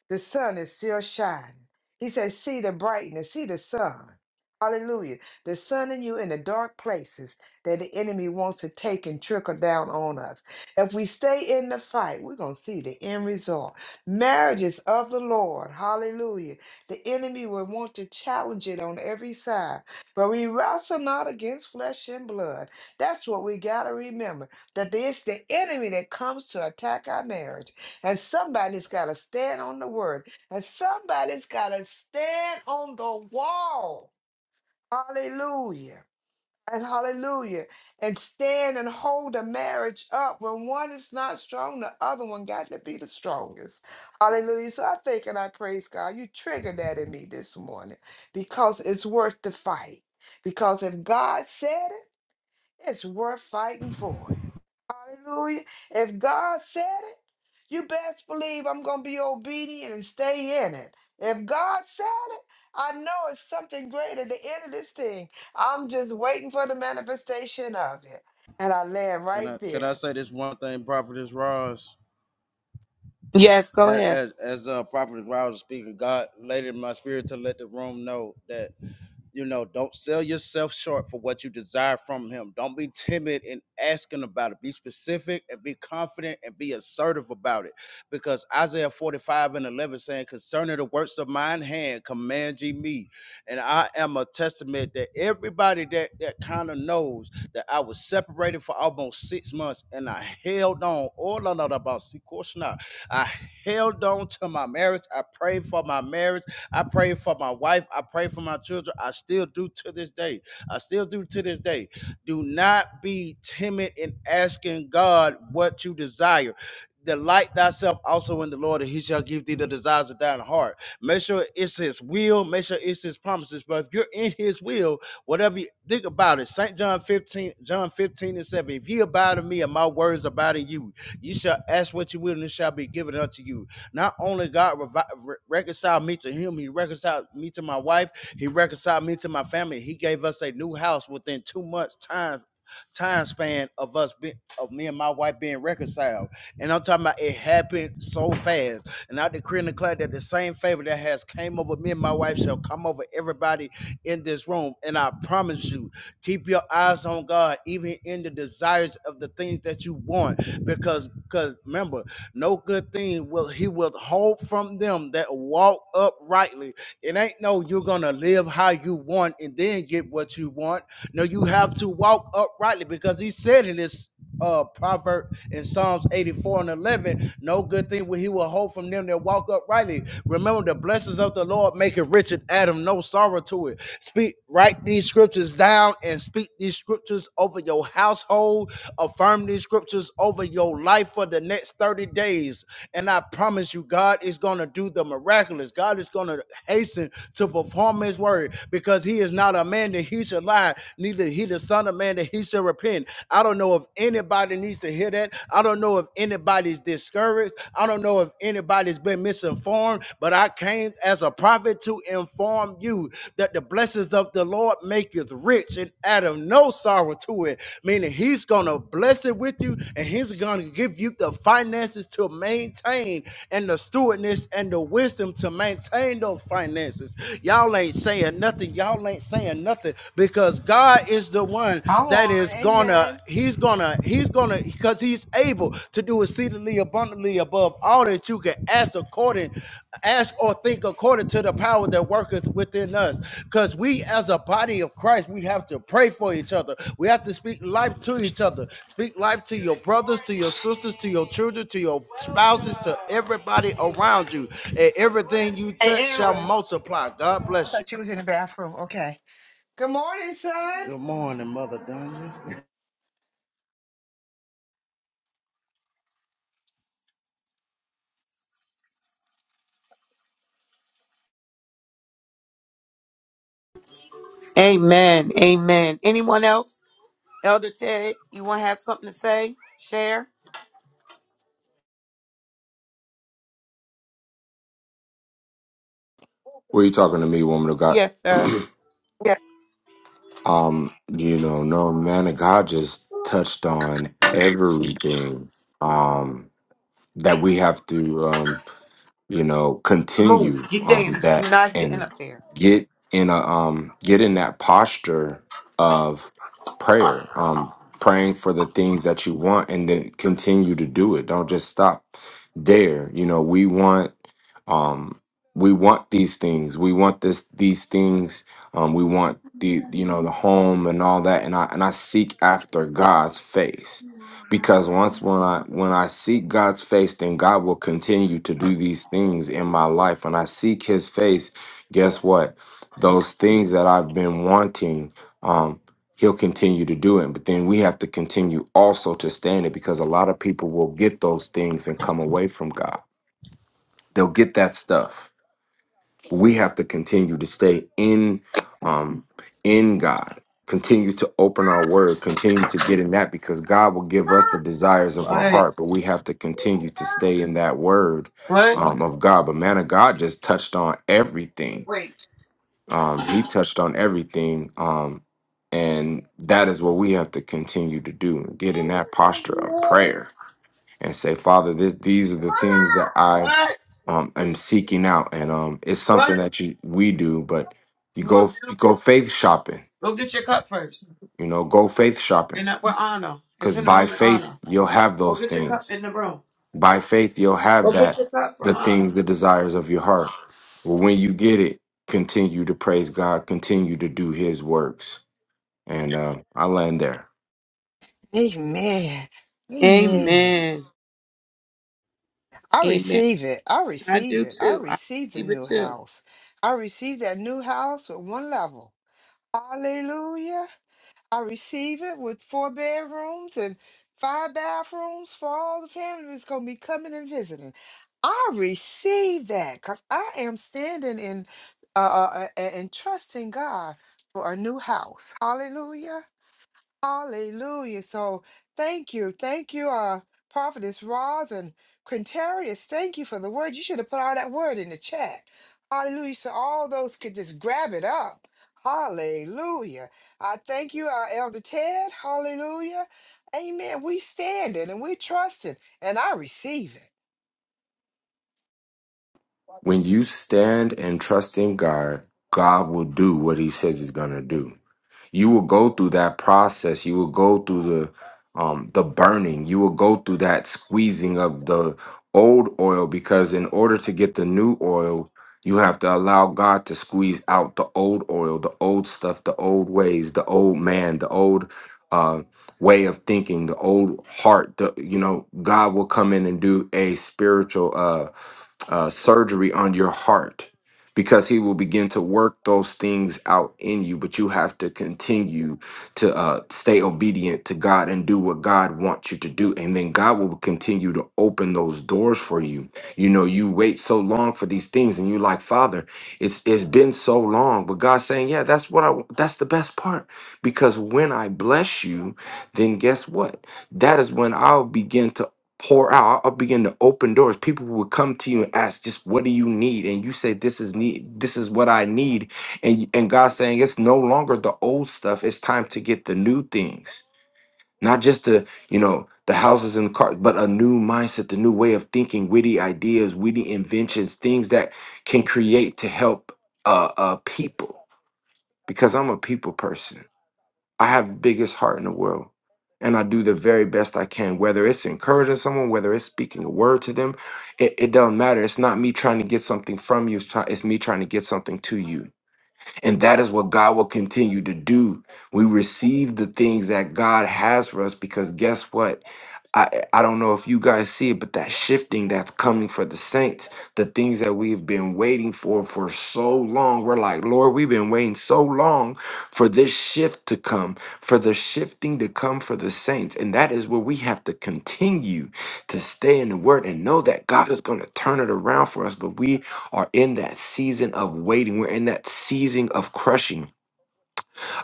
[SPEAKER 2] the sun is still shining. He says, See the brightness, see the sun. Hallelujah. The sun in you in the dark places that the enemy wants to take and trickle down on us. If we stay in the fight, we're going to see the end result. Marriages of the Lord. Hallelujah. The enemy will want to challenge it on every side. But we wrestle not against flesh and blood. That's what we got to remember that it's the enemy that comes to attack our marriage. And somebody's got to stand on the word. And somebody's got to stand on the wall. Hallelujah. And hallelujah. And stand and hold the marriage up. When one is not strong, the other one got to be the strongest. Hallelujah. So I thank and I praise God. You triggered that in me this morning because it's worth the fight. Because if God said it, it's worth fighting for Hallelujah. If God said it, you best believe I'm going to be obedient and stay in it. If God said it, I know it's something great at the end of this thing. I'm just waiting for the manifestation of it. And I land
[SPEAKER 7] Can
[SPEAKER 2] right
[SPEAKER 7] I can I
[SPEAKER 2] there.
[SPEAKER 7] say this one thing, Prophetess Ross?
[SPEAKER 1] Yes. Go
[SPEAKER 7] as
[SPEAKER 1] ahead.
[SPEAKER 7] as, as uh, Prophet Rouse speaking, God laid in my spirit to let the room know that you know, don't sell yourself short for what you desire from him. Don't be timid in asking about it. Be specific and be confident and be assertive about it. Because Isaiah 45 and 11 saying, concerning the works of mine hand, command ye me. And I am a testament that everybody that, that kind of knows that I was separated for almost six months and I held on. All I know about, I held on to my marriage. I prayed for my marriage. I pray for my wife. I pray for my children. I still do to this day. I still do to this day. Do not be timid in asking God what you desire delight thyself also in the Lord, and he shall give thee the desires of thine heart. Make sure it's his will, make sure it's his promises. But if you're in his will, whatever you think about it, St. John 15, John 15 and 7. If ye abide in me and my words abide in you, you shall ask what you will, and it shall be given unto you. Not only God revi- re- reconciled me to him, he reconciled me to my wife, he reconciled me to my family. He gave us a new house within two months' time time span of us be, of me and my wife being reconciled. And I'm talking about it happened so fast. And I decree and declare that the same favor that has came over me and my wife shall come over everybody in this room. And I promise you, keep your eyes on God, even in the desires of the things that you want. Because because remember, no good thing will he withhold from them that walk uprightly. It ain't no you're gonna live how you want and then get what you want no, you have to walk uprightly because he said in this uh proverb in Psalms 84 and 11, no good thing will he will hold from them that walk uprightly. Remember the blessings of the Lord make it rich and add him no sorrow to it. Speak, write these scriptures down and speak these scriptures over your household Affirm these scriptures over your life for the next 30 days. And I promise you, God is going to do the miraculous. God is going to hasten to perform his word because he is not a man that he should lie, neither he the son of man that he should repent. I don't know if anybody needs to hear that. I don't know if anybody's discouraged. I don't know if anybody's been misinformed, but I came as a prophet to inform you that the blessings of the Lord maketh rich and addeth no sorrow to it. Meaning he's gonna bless it with you and he's gonna give you the finances to maintain and the stewardness and the wisdom to maintain those finances. Y'all ain't saying nothing. Y'all ain't saying nothing because God is the one
[SPEAKER 2] Come
[SPEAKER 7] that
[SPEAKER 2] on,
[SPEAKER 7] is gonna,
[SPEAKER 2] amen.
[SPEAKER 7] he's gonna, he's gonna because he's able to do exceedingly abundantly above all that you can ask according ask or think according to the power that worketh within us because we as a body of christ we have to pray for each other we have to speak life to each other speak life to your brothers to your sisters to your children to your spouses to everybody around you and everything you
[SPEAKER 2] Hey,
[SPEAKER 7] touch shall
[SPEAKER 2] Aaron.
[SPEAKER 7] multiply god
[SPEAKER 2] Oh, I
[SPEAKER 7] bless you
[SPEAKER 2] thought you was in the bathroom. Okay. Good morning, son.
[SPEAKER 7] good morning mother Danya.
[SPEAKER 1] Amen. Amen. Anyone else? Elder Ted, you want to have something to say? Share?
[SPEAKER 3] Were you talking to me, woman of God?
[SPEAKER 1] Yes, sir.
[SPEAKER 3] um, you know, no man of God just touched on everything um that we have to um you know
[SPEAKER 1] Move.
[SPEAKER 3] continue
[SPEAKER 1] Get down.
[SPEAKER 3] um that
[SPEAKER 1] You're not getting
[SPEAKER 3] and
[SPEAKER 1] up there.
[SPEAKER 3] get in a um get in that posture of prayer um praying for the things that you want and then continue to do it don't just stop there you know we want um we want these things we want this these things um we want the you know the home and all that and i and i seek after god's face because once when i when i seek god's face then god will continue to do these things in my life when i seek his face guess what those things that i've been wanting um he'll continue to do it but then we have to continue also to stand it because a lot of people will get those things and come away from god they'll get that stuff we have to continue to stay in um in God continue to open our word continue to get in that because God will give us the desires of our
[SPEAKER 1] What?
[SPEAKER 3] heart but we have to continue to stay in that word
[SPEAKER 1] What?
[SPEAKER 3] um of God but man of God just touched on everything
[SPEAKER 1] Wait.
[SPEAKER 3] um he touched on everything um and that is what we have to continue to do get in that posture of prayer and say, Father, this, these are the things that I
[SPEAKER 1] What?
[SPEAKER 3] um, am seeking out, and um, it's
[SPEAKER 1] What?
[SPEAKER 3] something that you we do, but you
[SPEAKER 1] You want
[SPEAKER 3] go you
[SPEAKER 1] milk?
[SPEAKER 3] go faith shopping,
[SPEAKER 1] Go get your cup first.
[SPEAKER 3] you know, go faith shopping,
[SPEAKER 1] And that with Anna. It's
[SPEAKER 3] because
[SPEAKER 1] in the
[SPEAKER 3] by
[SPEAKER 1] room with
[SPEAKER 3] faith
[SPEAKER 1] Anna.
[SPEAKER 3] you'll have
[SPEAKER 1] Go
[SPEAKER 3] those
[SPEAKER 1] get your cup in
[SPEAKER 3] things.
[SPEAKER 1] the room.
[SPEAKER 3] By faith you'll have
[SPEAKER 1] Go get
[SPEAKER 3] that
[SPEAKER 1] your cup
[SPEAKER 3] the
[SPEAKER 1] from Anna.
[SPEAKER 3] things, the desires of your heart. Well, when you get it, continue to praise God, continue to do His works, and uh, I land there.
[SPEAKER 2] Amen. Amen.
[SPEAKER 1] Amen.
[SPEAKER 2] I
[SPEAKER 1] Amen.
[SPEAKER 2] receive it. I
[SPEAKER 1] I
[SPEAKER 2] receive
[SPEAKER 1] do
[SPEAKER 2] it. I
[SPEAKER 1] too. I
[SPEAKER 2] receive the
[SPEAKER 1] believe it
[SPEAKER 2] new
[SPEAKER 1] too.
[SPEAKER 2] house. I receive that new house with one level. Hallelujah. I receive it with four bedrooms and five bathrooms for all the family that's going to be coming and visiting. I receive that because I am standing in uh, uh, uh, and trusting God for a new house. Hallelujah. Hallelujah. So thank you. Thank you, uh, Prophetess Roz and Quintarius. Thank you for the word. You should have put all that word in the chat. Hallelujah. So all those could just grab it up. Hallelujah. I thank you, uh, Elder Ted. Hallelujah. Amen. We standing and we trusting and I receive it.
[SPEAKER 3] When you stand and trust in God, God will do what He says He's gonna do you will go through that process you will go through the um the burning you will go through that squeezing of the old oil because in order to get the new oil you have to allow God to squeeze out the old oil the old stuff the old ways the old man the old uh way of thinking the old heart the you know God will come in and do a spiritual uh uh, surgery on your heart because he will begin to work those things out in you but you have to continue to uh, stay obedient to god and do what god wants you to do and then god will continue to open those doors for you you know you wait so long for these things and you like father it's it's been so long but god's saying yeah that's what i wa- that's the best part because when i bless you then guess what that is when i'll begin to pour out. I'll begin to open doors. People will come to you and ask, just what do you need? And you say, this is need. This is what I need. And and God's saying, it's no longer the old stuff. It's time to get the new things. Not just the you know the houses and the cars, but a new mindset, the new way of thinking, witty ideas, witty inventions, things that can create to help uh, uh people. Because I'm a people person. I have biggest heart in the world. And I do the very best I can, whether it's encouraging someone, whether it's speaking a word to them, it, it doesn't matter. It's not me trying to get something from you, it's, try, it's me trying to get something to you. And that is what God will continue to do. We receive the things that God has for us because guess what? I I don't know if you guys see it, but that shifting that's coming for the saints, the things that we've been waiting for for so long, we're like, Lord, we've been waiting so long for this shift to come, for the shifting to come for the saints, and that is where we have to continue to stay in the Word and know that God is going to turn it around for us. But we are in that season of waiting. We're in that season of crushing.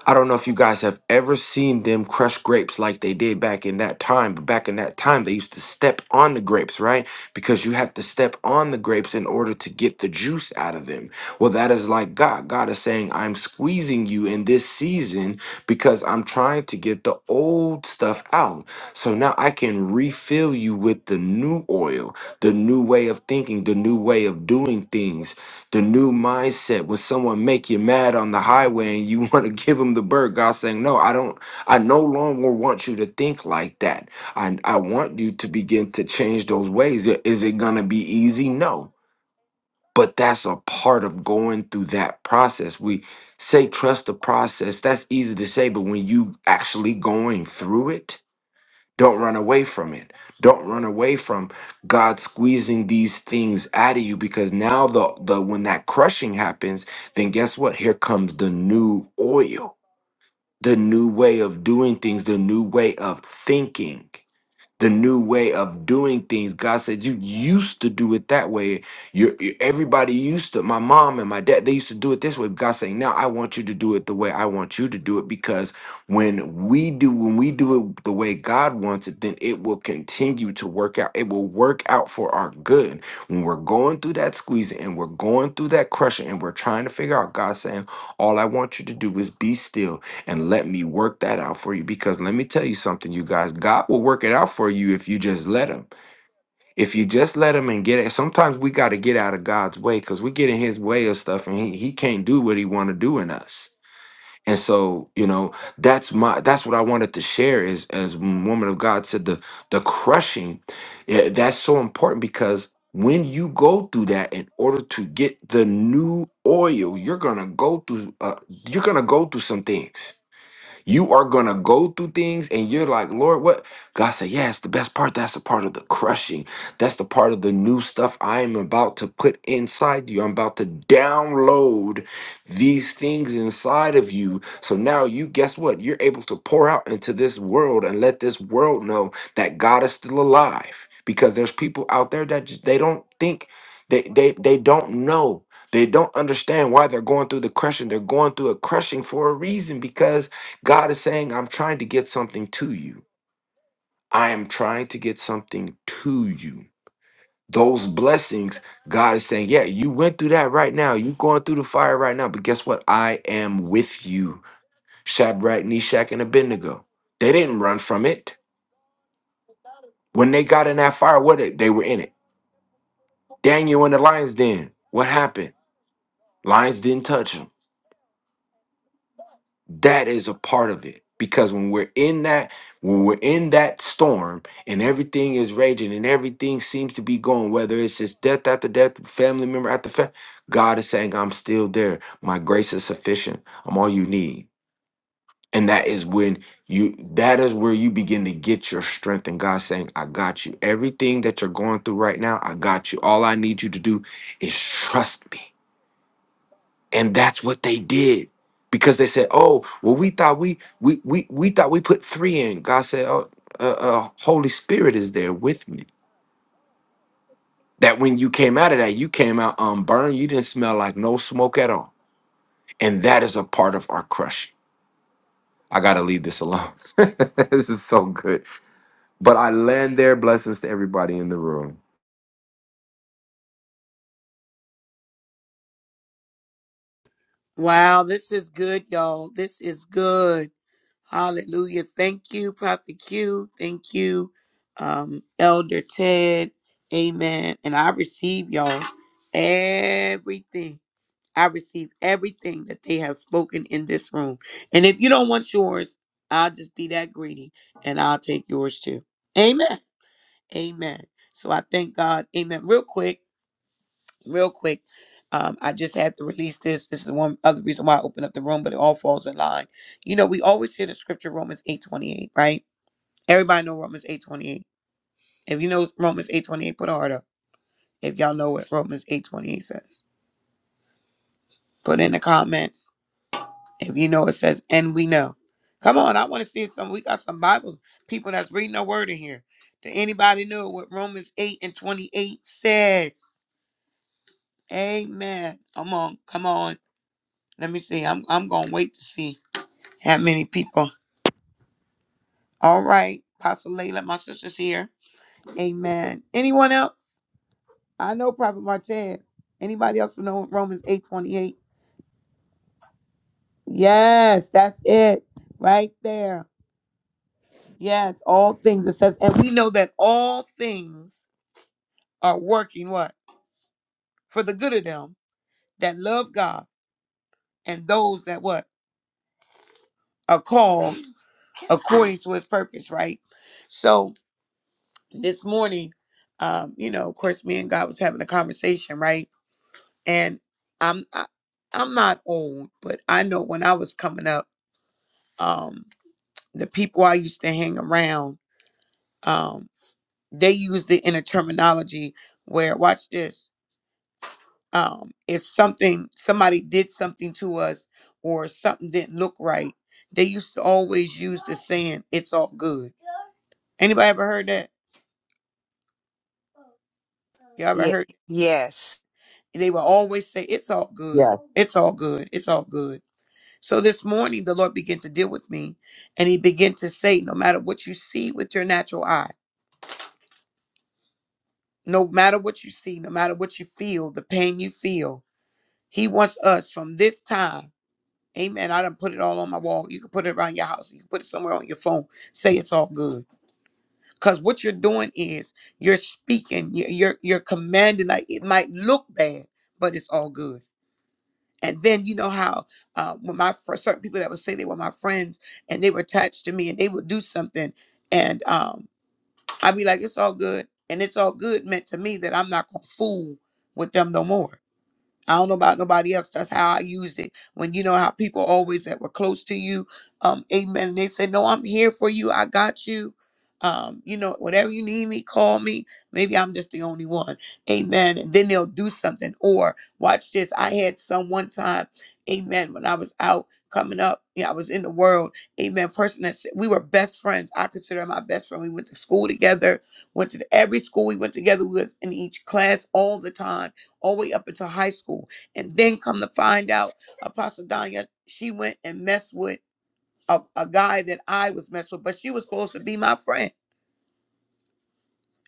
[SPEAKER 3] I don't know if you guys have ever seen them crush grapes like they did back in that time, but back in that time, they used to step on the grapes, right? Because you have to step on the grapes in order to get the juice out of them. Well, that is like God. God is saying, I'm squeezing you in this season because I'm trying to get the old stuff out. So now I can refill you with the new oil, the new way of thinking, the new way of doing things the new mindset when someone make you mad on the highway and you want to give them the bird god saying no i don't i no longer want you to think like that i i want you to begin to change those ways I- is it going to be easy no but that's a part of going through that process we say trust the process that's easy to say but when you actually going through it don't run away from it. Don't run away from God squeezing these things out of you because now the, the when that crushing happens, then guess what? Here comes the new oil, the new way of doing things, the new way of thinking the new way of doing things. God said, You used to do it that way. You're, you- everybody used to, my mom and my dad, they used to do it this way. But God's saying, Now I want you to do it the way I want you to do it because when we do, when we do it the way God wants it, then it will continue to work out. It will work out for our good. When we're going through that squeezing and we're going through that crushing and we're trying to figure out, God's saying, All I want you to do is be still and let me work that out for you. Because let me tell you something, you guys, God will work it out for you if you just let Him. If you just let Him and get it. Sometimes we got to get out of God's way because we get in His way of stuff, and He He can't do what He want to do in us. And so, you know, that's my that's what I wanted to share is as woman of God said the the crushing. Yeah, that's so important because when you go through that in order to get the new oil, you're gonna go through uh, you're gonna go through some things you are going to go through things and you're like, Lord, what? God said, Yeah, it's the best part. That's the part of the crushing. That's the part of the new stuff I am about to put inside you. I'm about to download these things inside of you. So now you, guess what? You're able to pour out into this world and let this world know that God is still alive because there's people out there that just, they don't think they, they they don't know they don't understand why they're going through the crushing they're going through a crushing for a reason because God is saying, I'm trying to get something to you. I am trying to get something to you. Those blessings, God is saying, Yeah, you went through that right now. You're going through the fire right now. But guess what? I am with you. Shadrach, Meshach, and Abednego. They didn't run from it. When they got in that fire, what did- they were in it. Daniel in the lion's den. What happened? Lions didn't touch them. that is a part of it because when we're in that when we're in that storm and everything is raging and everything seems to be going whether it's just death after death family member after family god is saying i'm still there my grace is sufficient i'm all you need and that is when you that is where you begin to get your strength and god saying i got you everything that you're going through right now i got you all i need you to do is trust me and that's what they did because they said oh well we thought we we we, we thought we put three in god said oh uh, uh, holy spirit is there with me that when you came out of that you came out unburned you didn't smell like no smoke at all and that is a part of our crush i gotta leave this alone this is so good but i land there blessings to everybody in the room
[SPEAKER 1] Wow, this is good, y'all. This is good. Hallelujah. Thank you, Prophet Q. Thank you, um, Elder Ted. Amen. And I receive y'all everything. I receive everything that they have spoken in this room. And if you don't want yours, I'll just be that greedy and I'll take yours too. Amen. Amen. So I thank God. Amen. Real quick, real quick. Um, I just had to release this. This is one other reason why I opened up the room, but it all falls in line. You know, we always hear the scripture Romans 8:28, right? Everybody know Romans 8:28. If you know Romans 8:28, put a heart up. If y'all know what Romans 8:28 says. Put in the comments If you know it says, and we know. Come on, I want to see some. We got some Bible people that's reading the word in here. Did anybody know what Romans 8 and 28 says? Amen. Come on, come on. Let me see. I'm I'm gonna wait to see how many people. All right, Apostle Layla, my sister's here. Amen. Anyone else? I know Prophet Martez. Anybody else who know Romans 8 28? Yes, that's it. Right there. Yes, all things. It says, and we know that all things are working what? For the good of them that love God and those that what? Are called according to his purpose, right? So this morning, um, you know, of course, me and God was having a conversation, right? And I'm I, I'm not old, but I know when I was coming up, um, the people I used to hang around, um, they used it in a terminology where watch this. um, if something somebody did something to us or something didn't look right, they used to always use the saying, "It's all good." Anybody ever heard that? Y'all ever
[SPEAKER 2] Yeah,
[SPEAKER 1] heard?
[SPEAKER 2] yes.
[SPEAKER 1] They would always say, "It's all good.
[SPEAKER 4] Yes.
[SPEAKER 1] It's all good. It's all good." So this morning, the Lord began to deal with me, and He began to say, "No matter what you see with your natural eye, no matter what you see, no matter what you feel, the pain you feel, He wants us from this time." Amen. I done put it all on my wall. You can put it around your house. You can put it somewhere on your phone. Say it's all good. Because what you're doing is you're speaking, you- you're, you're commanding. Like it might look bad, but it's all good. And then you know how uh, when my fr- certain people that would say they were my friends and they were attached to me and they would do something, and um, I'd be like, it's all good. And it's all good meant to me that I'm not going to fool with them no more. I don't know about nobody else. That's how I used it. When you know how people always that were close to you, um, amen. And they said, No, I'm here for you. I got you. Um, you know, whatever you need me, call me. Maybe I'm just the only one. Amen. And then they'll do something. Or watch this. I had some one time, amen, when I was out coming up, yeah, I was in the world, amen. Person that said, we were best friends. I consider her my best friend. We went to school together, went to every school we went together. We was in each class all the time all the way up into high school. And then come to find out, Apostle Danya, she went and messed with a, a guy that I was messed with, but she was supposed to be my friend.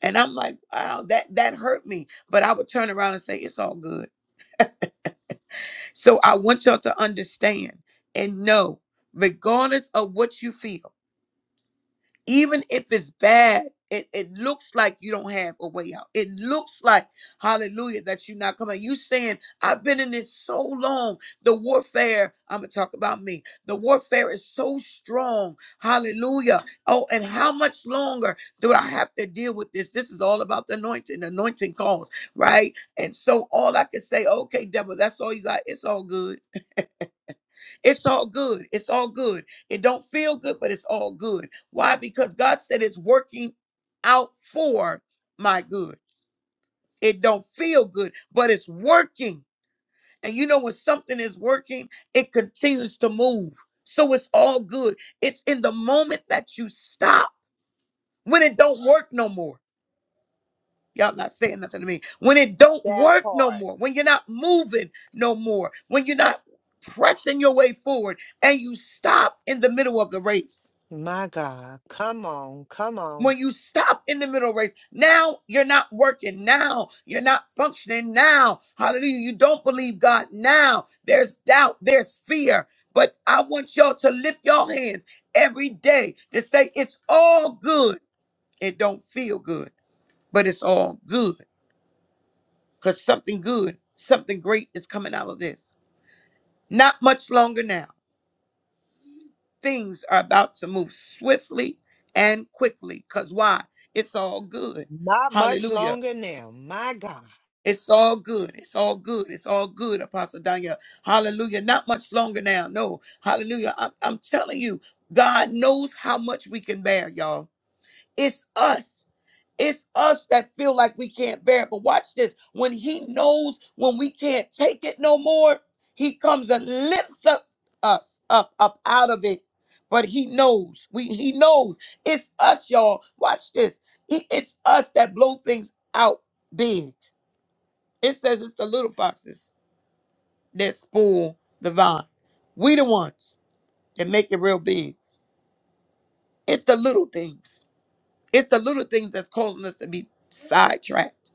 [SPEAKER 1] And I'm like, wow, that that hurt me. But I would turn around and say, it's all good. So I want y'all to understand and know, regardless of what you feel. even if it's bad it, it looks like you don't have a way out it looks like hallelujah that you're not coming you saying i've been in this so long the warfare i'm gonna talk about me the warfare is so strong hallelujah oh and how much longer do i have to deal with this this is all about the anointing the anointing calls right and so all i can say okay devil that's all you got it's all good it's all good. It's all good. It don't feel good, but it's all good. Why? Because God said it's working out for my good. It don't feel good, but it's working. And you know when something is working, it continues to move. So it's all good. It's in the moment that you stop when it don't work no more. Y'all not saying nothing to me. When it don't
[SPEAKER 2] That
[SPEAKER 1] work no
[SPEAKER 2] part.
[SPEAKER 1] more, when you're not moving no more, when you're not pressing your way forward and you stop in the middle of the race
[SPEAKER 2] My God. Come on. Come on.
[SPEAKER 1] When you stop in the middle of race, now you're not working. Now you're not functioning. Now, hallelujah, you don't believe God. Now there's doubt, there's fear. But I want y'all to lift your hands every day to say, It's all good. It don't feel good, but it's all good because something good, something great is coming out of this. Not much longer now. Things are about to move swiftly and quickly because why? It's all good.
[SPEAKER 2] Not much
[SPEAKER 1] Hallelujah.
[SPEAKER 2] longer now. My God.
[SPEAKER 1] It's all good. It's all good. It's all good, Apostle Daniel. Hallelujah. Not much longer now. No. Hallelujah. I'm, I'm telling you, God knows how much we can bear, y'all. It's us. It's us that feel like we can't bear it. But watch this. When He knows when we can't take it no more, He comes and lifts up us up, up out of it. But He knows. We He knows. It's us, y'all. Watch this. He, it's us that blow things out big. It says it's the little foxes that spoil the vine. We the ones that make it real big. It's the little things. It's the little things that's causing us to be sidetracked.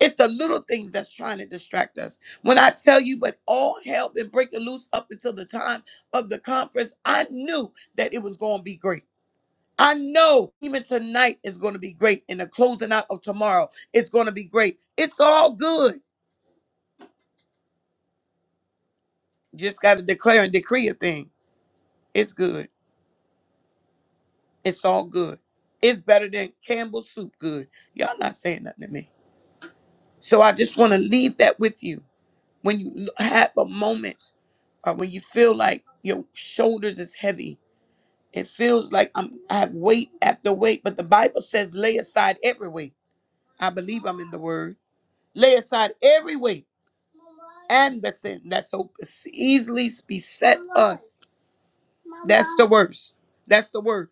[SPEAKER 1] It's the little things that's trying to distract us. When I tell you, but all hell been breaking loose up until the time of the conference, I knew that it was going to be great. I know even tonight is going to be great, and the closing out of tomorrow is going to be great. It's all good. Just got to declare and decree a thing. It's good. It's all good. It's better than Campbell soup good. Y'all not saying nothing to me. So I just want to leave that with you. When you l- have a moment or when you feel like your shoulders is heavy, it feels like I'm I have weight after weight, but the Bible says lay aside every weight. I believe I'm in the word. Lay aside every weight and the sin that so easily beset us. That's the worst. That's the word.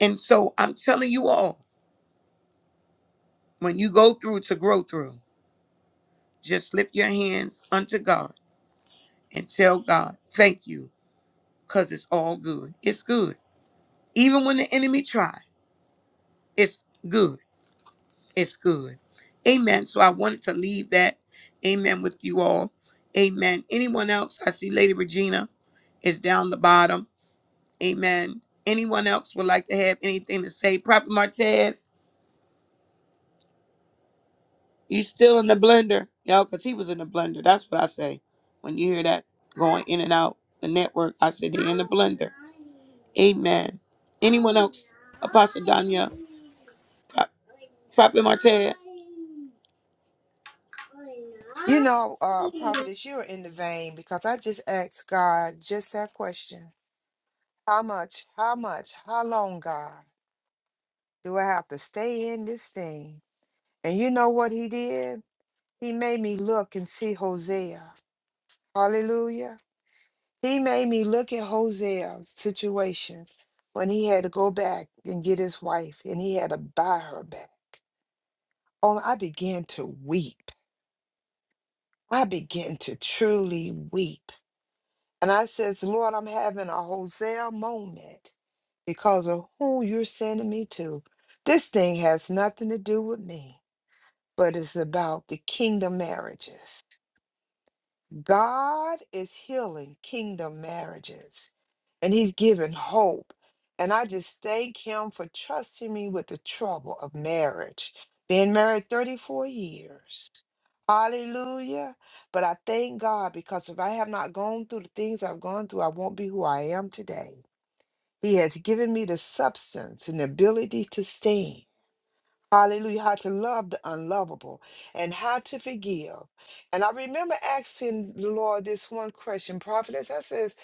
[SPEAKER 1] And so I'm telling you all, when you go through to grow through. Just lift your hands unto God and tell God, thank you, because it's all good. It's good. Even when the enemy try, it's good. It's good. Amen. So I wanted to leave that. Amen with you all. Amen. Anyone else? I see Lady Regina is down the bottom. Amen. Anyone else would like to have anything to say? Prophet Martez, You still in the blender, yo, because he was in the blender. That's what I say. When you hear that going in and out the network, I said they in the blender. Amen. Anyone else? Apostle Danya, Pro- Prophet Martez.
[SPEAKER 2] You know, uh, prophetess, you're in the vein because I just asked God just that question. How much, how much, how long, God, do I have to stay in this thing? And you know what he did? He made me look and see Hosea. Hallelujah. He made me look at Hosea's situation when he had to go back and get his wife and he had to buy her back. Oh, I began to weep. I began to truly weep. And I says, Lord, I'm having a Hosea moment because of who you're sending me to. This thing has nothing to do with me, but it's about the kingdom marriages. God is healing kingdom marriages and he's giving hope. And I just thank him for trusting me with the trouble of marriage. Been married 34 years. Hallelujah. But I thank God because if I have not gone through the things I've gone through, I won't be who I am today. He has given me the substance and the ability to stand. Hallelujah. How to love the unlovable and how to forgive. And I remember asking the Lord this one question, prophetess. I says,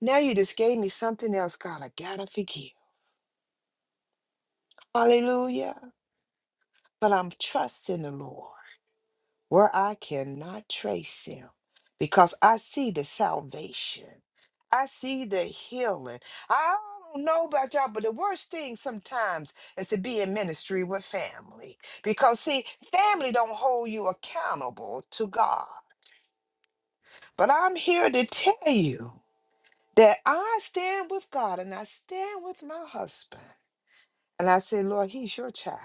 [SPEAKER 2] now you just gave me something else, God. I gotta forgive. Hallelujah. But I'm trusting the Lord. where I cannot trace him because I see the salvation. I see the healing. I don't know about y'all, but the worst thing sometimes is to be in ministry with family because see, family don't hold you accountable to God. But I'm here to tell you that I stand with God and I stand with my husband. And I say, Lord, he's your child.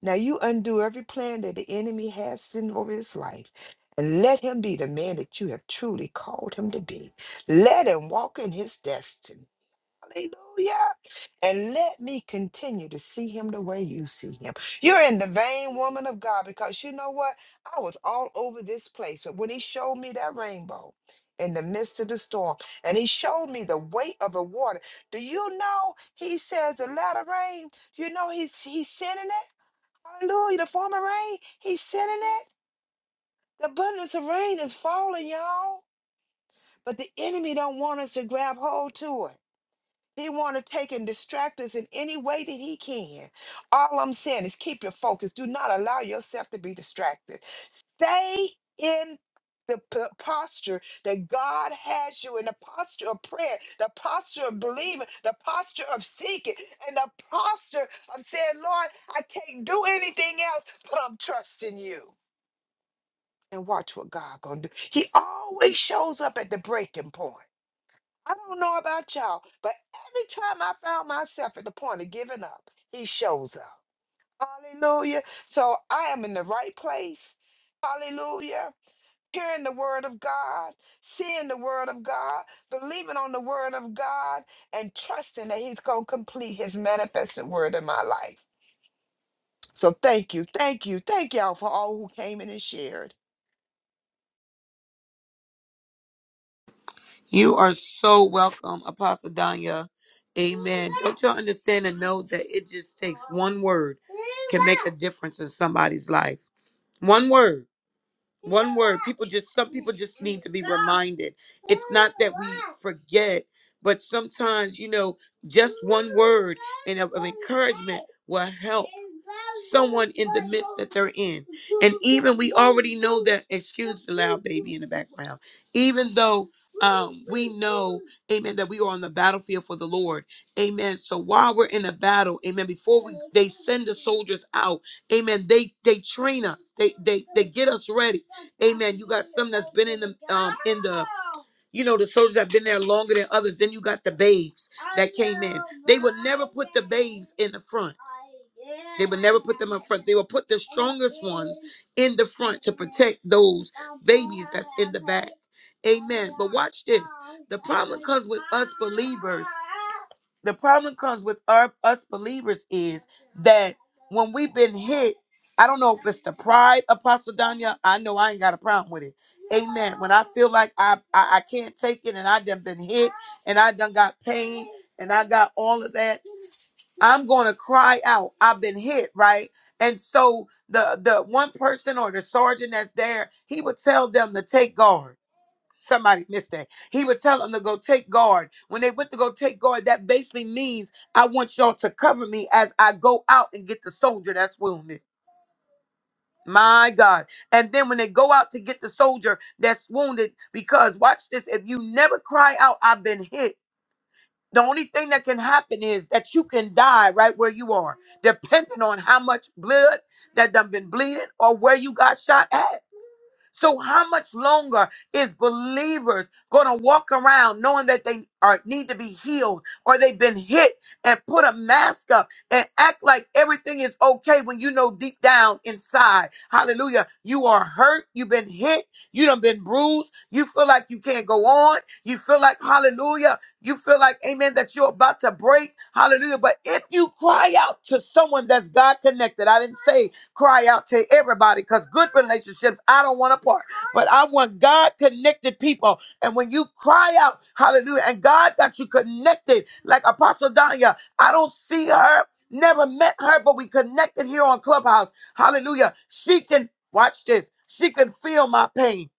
[SPEAKER 2] Now you undo every plan that the enemy has sent over his life and let him be the man that you have truly called him to be. Let him walk in his destiny. Hallelujah. And let me continue to see him the way you see him. You're in the vein, woman of God, because you know what? I was all over this place. But when he showed me that rainbow in the midst of the storm, and he showed me the weight of the water, do you know he says the latter rain? You know he's he's sending it? Hallelujah. The former rain, he's sending it. The abundance of rain is falling, y'all. But the enemy don't want us to grab hold to it. He want to take and distract us in any way that he can. All I'm saying is keep your focus. Do not allow yourself to be distracted. Stay in the p- posture that God has you in the posture of prayer, the posture of believing, the posture of seeking, and the posture of saying, Lord, I can't do anything else, but I'm trusting you. And watch what God gonna do. He always shows up at the breaking point. I don't know about y'all, but every time I found myself at the point of giving up, he shows up. Hallelujah. So I am in the right place. Hallelujah. Hearing the word of God, seeing the word of God, believing on the word of God, and trusting that he's going to complete his manifested word in my life. So thank you. Thank you. Thank y'all for all who came in and shared.
[SPEAKER 1] You are so welcome, Apostle Danya. Amen. Don't you all understand and know that it just takes one word can make a difference in somebody's life? One word. One word. People just, some people just need to be reminded. It's not that we forget, but sometimes, you know, just one word and of, of encouragement will help someone in the midst that they're in. And even we already know that, excuse the loud baby in the background, even though um, we know, amen, that we are on the battlefield for the Lord. Amen. So while we're in a battle, amen, before we they send the soldiers out, amen, they they train us. They they they get us ready. Amen. You got some that's been in the um in the you know, the soldiers have been there longer than others. Then you got the babes that came in. They would never put the babes in the front. They would never put them in front. They would put the strongest ones in the front to protect those babies that's in the back. Amen. But watch this. The problem comes with us believers. The problem comes with our, us believers is that when we've been hit, I don't know if it's the pride, Apostle Danya. I know I ain't got a problem with it Amen. When I feel like I, I I can't take it and I done been hit and I done got pain and I got all of that, I'm gonna cry out. I've been hit, right? And so the the one person or the sergeant that's there, he would tell them to take guard. Somebody missed that. He would tell them to go take guard. When they went to go take guard, that basically means I want y'all to cover me as I go out and get the soldier that's wounded. My God. And then when they go out to get the soldier that's wounded, because watch this, if you never cry out, I've been hit. The only thing that can happen is that you can die right where you are, depending on how much blood that done been bleeding or where you got shot at. So how much longer is believers going to walk around knowing that they are need to be healed or they've been hit and put a mask up and act like everything is okay when you know deep down inside, hallelujah, you are hurt, you've been hit, you done been bruised, you feel like you can't go on, you feel like hallelujah, you feel like amen that you're about to break, hallelujah. But if you cry out to someone that's God connected, I didn't say cry out to everybody because good relationships, I don't want to part. But I want God connected people. And when you cry out, hallelujah, and God got you connected, like Apostle Danya, I don't see her, never met her, but we connected here on Clubhouse. Hallelujah. She can, watch this, she can feel my pain.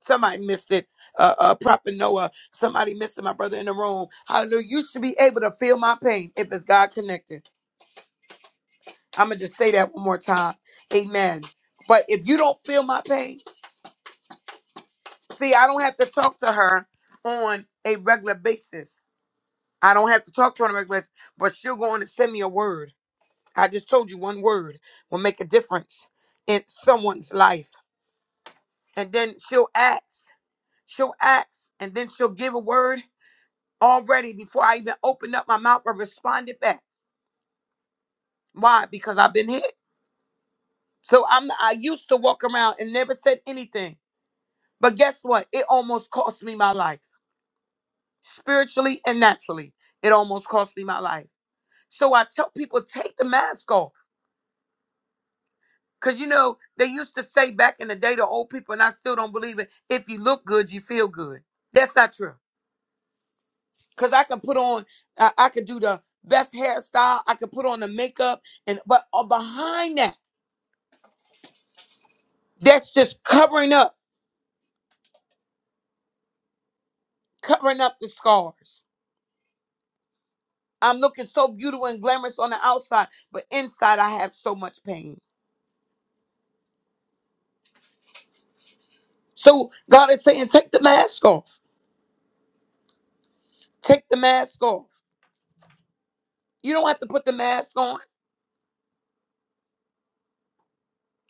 [SPEAKER 1] Somebody missed it. Uh, uh, Prophet Noah. Somebody missed it. My brother in the room. Hallelujah. You should be able to feel my pain if it's God connected. I'm gonna just say that one more time. Amen. But if you don't feel my pain, see, I don't have to talk to her on a regular basis. I don't have to talk to her on a regular basis, but she'll go on and send me a word. I just told you one word will make a difference in someone's life. And then she'll ask, she'll ask, and then she'll give a word already before I even open up my mouth or responded back. Why? Because I've been hit. So I'm I used to walk around and never said anything. But guess what? It almost cost me my life, spiritually and naturally. It almost cost me my life. So I tell people, take the mask off. Because, you know, they used to say back in the day to old people, and I still don't believe it if you look good, you feel good. That's not true. Because I can put on, I, I could do the best hairstyle, I could put on the makeup, and but uh, behind that, that's just covering up, covering up the scars. I'm looking so beautiful and glamorous on the outside, but inside I have so much pain. So God is saying, take the mask off. Take the mask off. You don't have to put the mask on.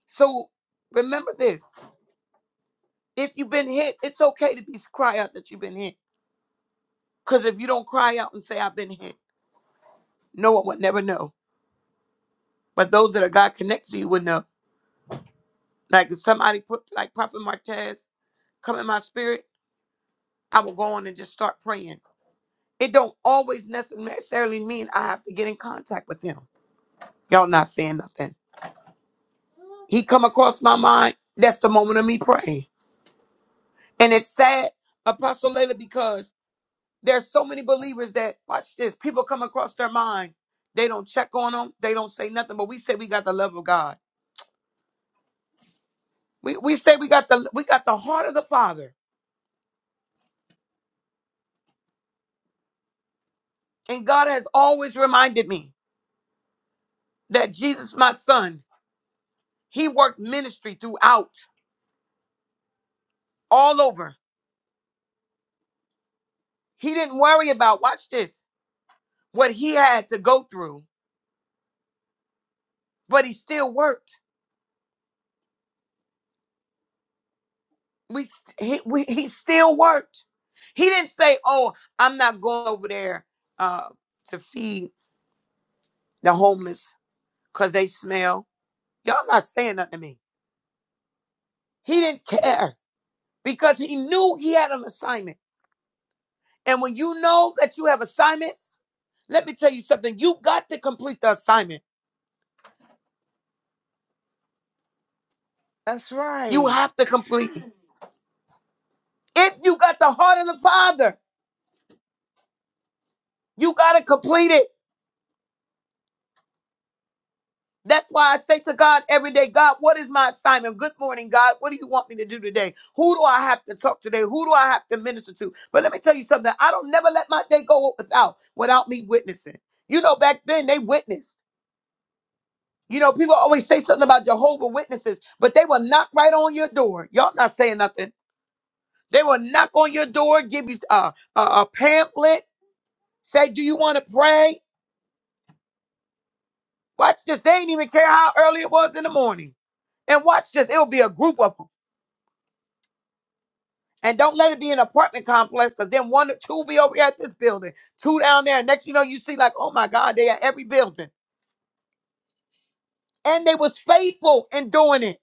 [SPEAKER 1] So remember this. If you've been hit, it's okay to be cry out that you've been hit. Because if you don't cry out and say, I've been hit, no one will never know. But those that are God connects to you will know. Like if somebody put like Prophet Martez come in my spirit, I will go on and just start praying. It don't always necessarily mean I have to get in contact with him. Y'all not saying nothing. He come across my mind. That's the moment of me praying. And it's sad, Apostle Layla, because there's so many believers that watch this. People come across their mind. They don't check on them. They don't say nothing. But we say we got the love of God. We we say we got the we got the heart of the Father. And God has always reminded me that Jesus, my son, he worked ministry throughout, all over. He didn't worry about, watch this, what he had to go through, but he still worked. we st- he we, he still worked. He didn't say, "Oh, I'm not going over there uh, to feed the homeless because they smell." Y'all not saying nothing to me. He didn't care because he knew he had an assignment. And when you know that you have assignments, let me tell you something. You got to complete the assignment.
[SPEAKER 2] That's
[SPEAKER 1] You
[SPEAKER 2] right.
[SPEAKER 1] have to complete it. If you got the heart of the Father, you got to complete it. That's why I say to God every day, God, what is my assignment? Good morning, God. What do you want me to do today? Who do I have to talk today? Who do I have to minister to? But let me tell you something. I don't never let my day go without without me witnessing. You know, back then they witnessed. You know, people always say something about Jehovah Witnesses, but they will knock right on your door. Y'all not saying nothing. They will knock on your door, give you a, a, a pamphlet, say, "Do you want to pray?" Watch this. They ain't even care how early it was in the morning. And watch this. It'll be a group of And don't let it be an apartment complex because then one two will be over here at this building, two down there. Next you know, you see like, oh my God, they at every building. And they was faithful in doing it.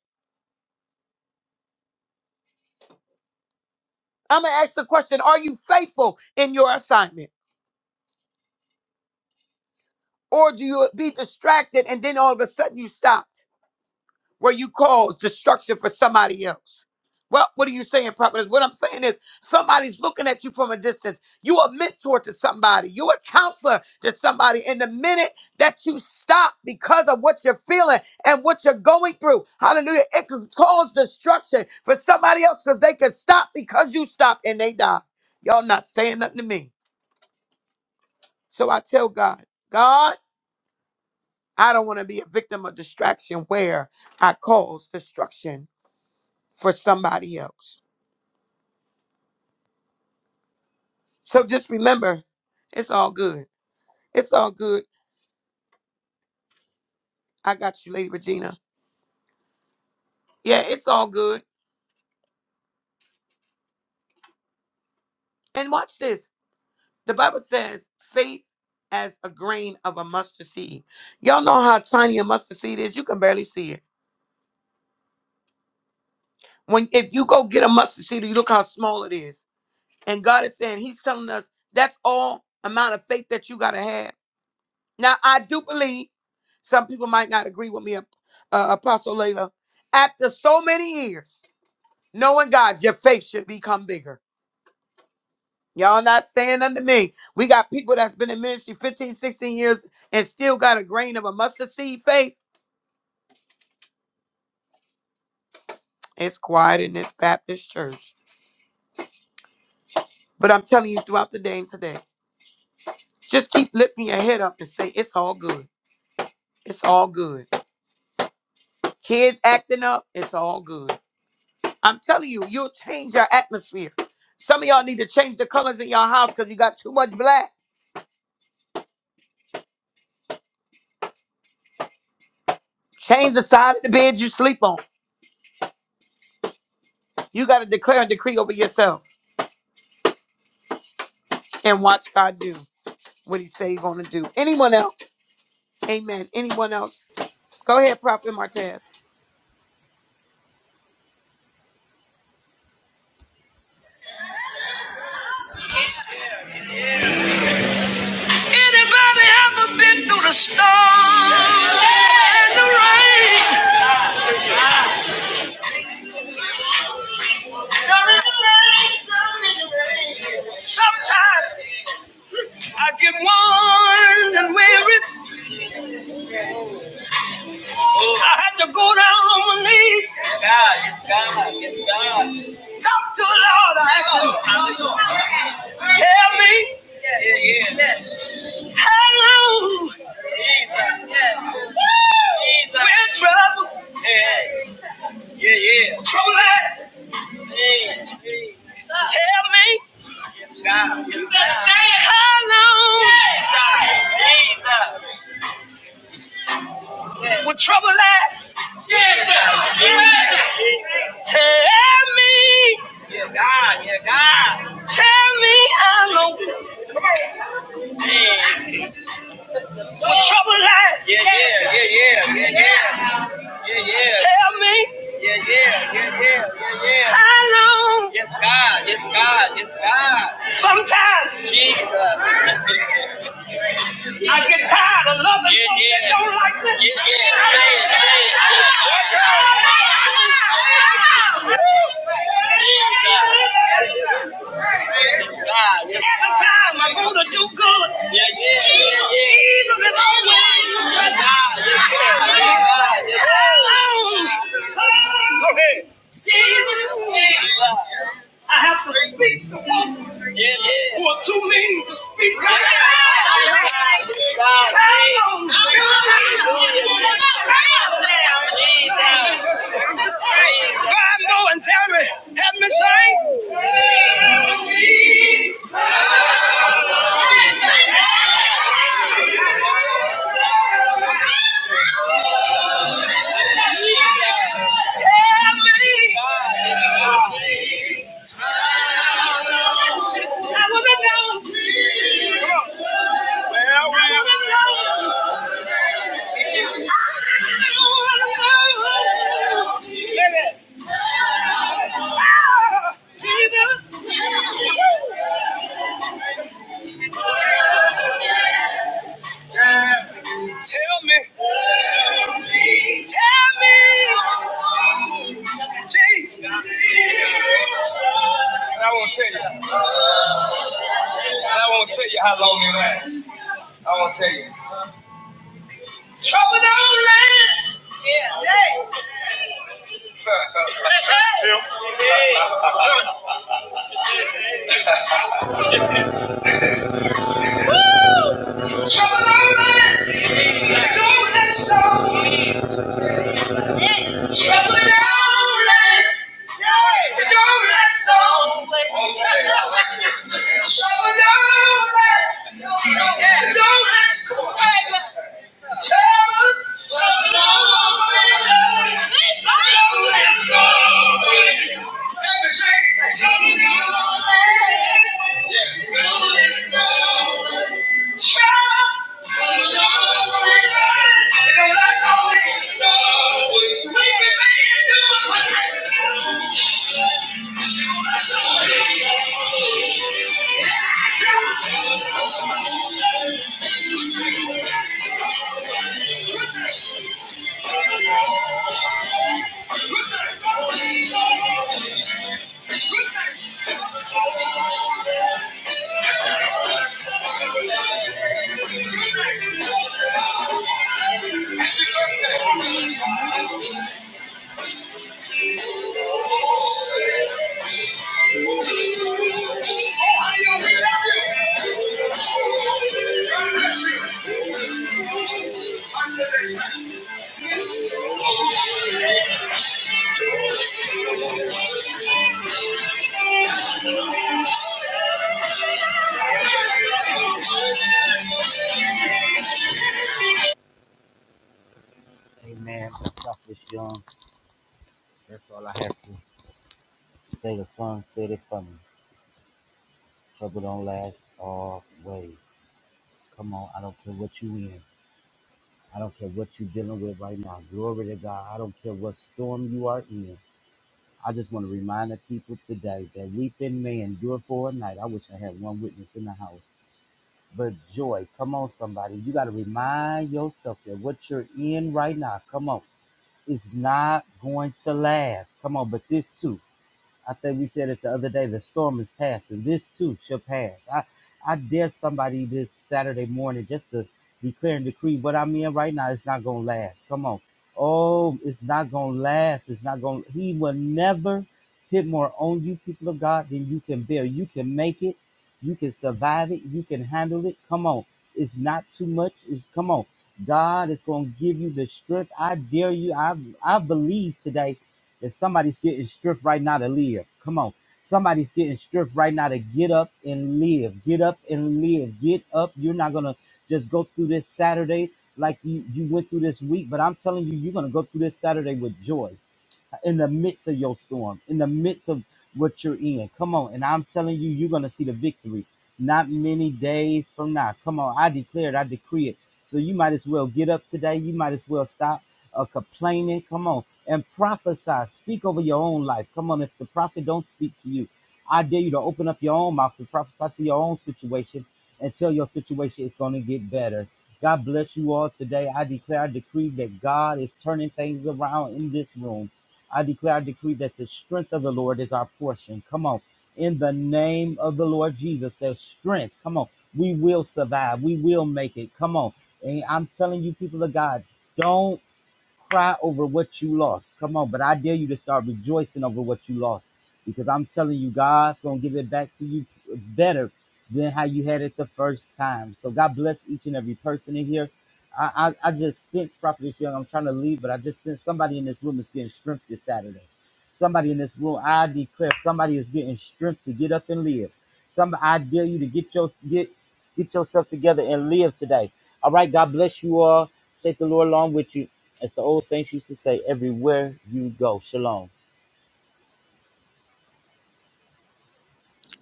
[SPEAKER 1] I'm gonna ask the question: Are you faithful in your assignment? Or do you be distracted and then all of a sudden you stop? where you cause destruction for somebody else. Well, what are you saying, prophetess? What I'm saying is somebody's looking at you from a distance. You a mentor to somebody. You a counselor to somebody. And the minute that you stop because of what you're feeling and what you're going through, hallelujah, it can cause destruction for somebody else because they can stop because you stop and they die. Y'all not saying nothing to me. So I tell God, God, I don't want to be a victim of distraction where I cause destruction for somebody else. So just remember, it's all good. It's all good. I got you, Lady Regina. Yeah, it's all good. And watch this. The Bible says faith as a grain of a mustard seed. Y'all know how tiny a mustard seed is. You can barely see it. When if you go get a mustard seed, you look how small it is. And God is saying, He's telling us that's all amount of faith that you gotta have. Now I do believe some people might not agree with me, uh, Apostle Layla. After so many years. Knowing God, your faith should become bigger. Y'all not saying unto me. We got people that's been in ministry 15, 16 years and still got a grain of a mustard seed faith. It's quiet in this Baptist church. But I'm telling you throughout the day and today, just keep lifting your head up and say, it's all good. It's all good. Kids acting up, it's all good. I'm telling you, you'll change your atmosphere. Some of y'all need to change the colors in your house because you got too much black. Change the side of the bed you sleep on. You got to declare and decree over yourself. and watch God do what He say He gonna do. Anyone else? Amen. Anyone else? Go ahead, Prophet Martez.
[SPEAKER 8] Anybody ever been through the storm and the rain? Sometimes I get worn and weary. I have to go down on my knees. God, it's God, it's God. Talk to the Lord. I ask him, tell me yeah, yeah, how long we're in trouble. Yeah. Yeah, yeah. Trouble ass. Hey, hey. Tell me. God. You better say it. How long? Jesus. Jesus. Will trouble last? Jesus. Jesus. Tell me. Yeah, God. Yeah, God. Tell me how long. Yeah. Will trouble last? Yeah, yeah, yeah, yeah. yeah, Yeah, yeah. Tell me Yeah, yeah. Yeah, yeah. Yeah, yeah. how long. Yes, God. Yes, God. Yes, God. Sometimes Jesus. Jesus. I get tired of loving Yeah, folks yeah. that yeah. don't like me. Yeah, yeah. Say it. Say it. Jesus. Yes, God. Yes, Every time I want to do good, Yeah, yeah. Yeah, yeah. evil is Yes, always Yes, God. Yes, God. Yes, God. Yes, God. how long. Go ahead. Jesus, Jesus. I have to speak to those who are too mean to speak. God, no, and tell me, help me sing. Tell me. I wanna know. I wanna know. Tell me, tell me, Jesus. And I won't tell you. I won't tell you how long it lasts. I won't tell you. Trouble don't last. Yeah. Hey. Woo! Trouble don't last. Don't let go. Trouble in our land. It's our land song. Trouble in our land. It's our Let me sing. Thank you. Thank you.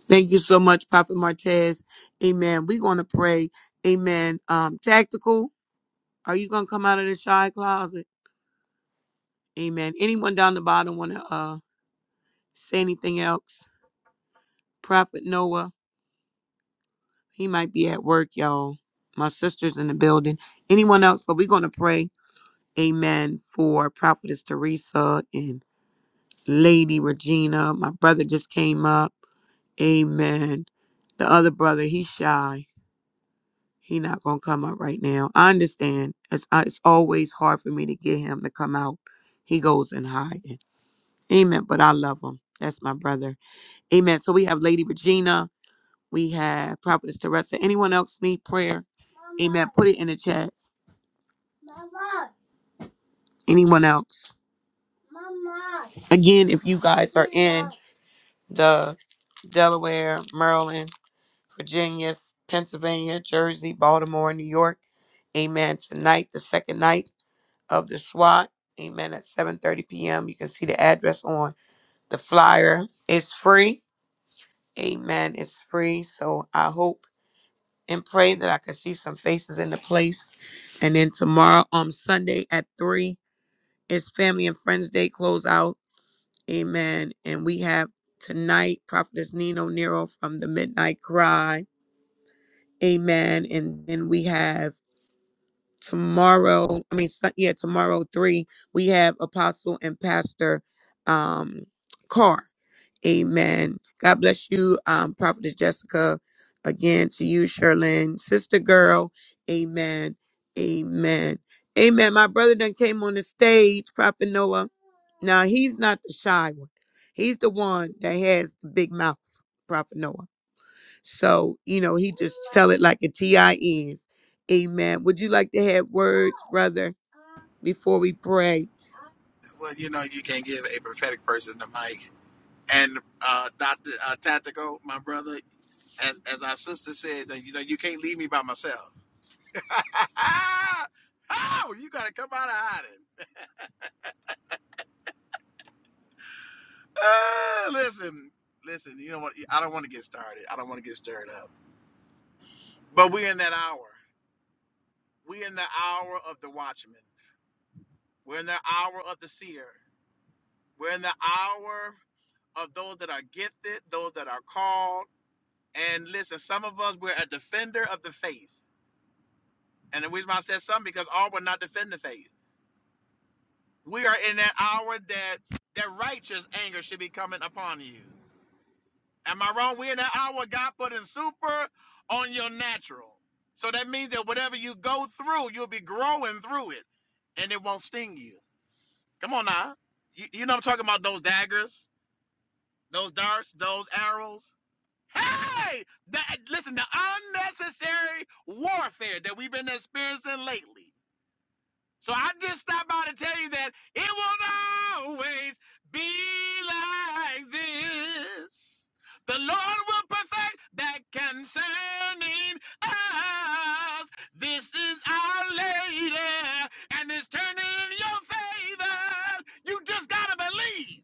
[SPEAKER 1] Thank you so much, Prophet Martez. Amen. We're gonna pray. Amen. Um, tactical. Are you gonna come out of the shy closet? Amen. Anyone down the bottom wanna uh say anything else? Prophet Noah. He might be at work, y'all. My sister's in the building. Anyone else? But we're gonna pray. Amen. For Prophetess Teresa and Lady Regina. My brother just came up. Amen. The other brother, he's shy. He not gonna come up right now. I understand. It's uh, it's always hard for me to get him to come out. He goes in hiding. Amen. But I love him. That's my brother. Amen. So we have Lady Regina. We have Prophetess Teresa. Anyone else need prayer? Amen. Put it in the chat. Anyone else? Again, if you guys are in the Delaware, Maryland. Virginia, Pennsylvania, Jersey, Baltimore, and New York. Amen. Tonight, the second night of the SWAT. Amen. At 7:30 p.m. You can see the address on the flyer. It's free. Amen. It's free. So I hope and pray that I can see some faces in the place. And then tomorrow on Sunday at 3 is Family and Friends Day close out. Amen. And we have tonight Prophetess Nino Nero from the Midnight Cry. Amen. And then we have tomorrow i mean Sun- yeah tomorrow three we have apostle and pastor um carr amen god bless you um prophetess jessica again to you sherlyn sister girl amen amen amen my brother done came on the stage prophet noah now he's not the shy one he's the one that has the big mouth prophet noah so, you know, he just tell it like a T I is. Amen. Would you like to have words, brother, before we pray?
[SPEAKER 9] Well, you know, you can't give a prophetic person the mic. And uh, Doctor uh, Tactical, my brother, as, as our sister said, you know, you can't leave me by myself. oh, you gotta come out of hiding. Uh, listen, listen. You know what? I don't want to get started. I don't want to get stirred up. But we're in that hour. We're in the hour of the watchman. We're in the hour of the seer. We're in the hour of those that are gifted, those that are called. And listen, some of us we're a defender of the faith. And the reason why I said some because all will not defend the faith. We are in that hour that that righteous anger should be coming upon you. Am I wrong? We're in that hour God putting super on your natural. So that means that whatever you go through, you'll be growing through it and it won't sting you. Come on now. You, you know I'm talking about those daggers, those darts, those arrows. Hey, that listen, the unnecessary warfare that we've been experiencing lately. So I just stopped by to tell you that it won't always be like this. The Lord will perfect that concerning us. This is our lady, and it's turning in your favor. You just gotta believe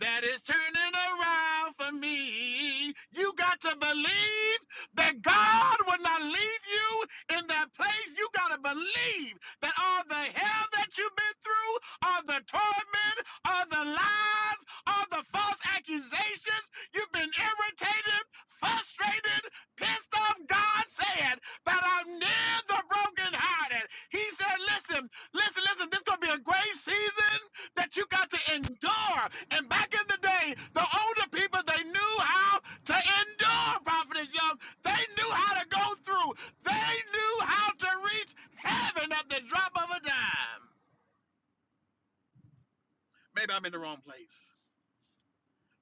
[SPEAKER 9] that is turning around for me. You got to believe that God will not leave you in that place. You got to believe that all the hell that you've been through, all the torment, all the lies, all the false accusations, you've been irritated, frustrated, pissed off. God said that I'm near the brokenhearted. He said, listen, listen, listen, this is going to be a great season that you got to endure. And back in the day, the older people, they knew how to endure, Prophetess Young. They knew how to go through. They knew how to reach heaven at the drop of a dime. Maybe I'm in the wrong place.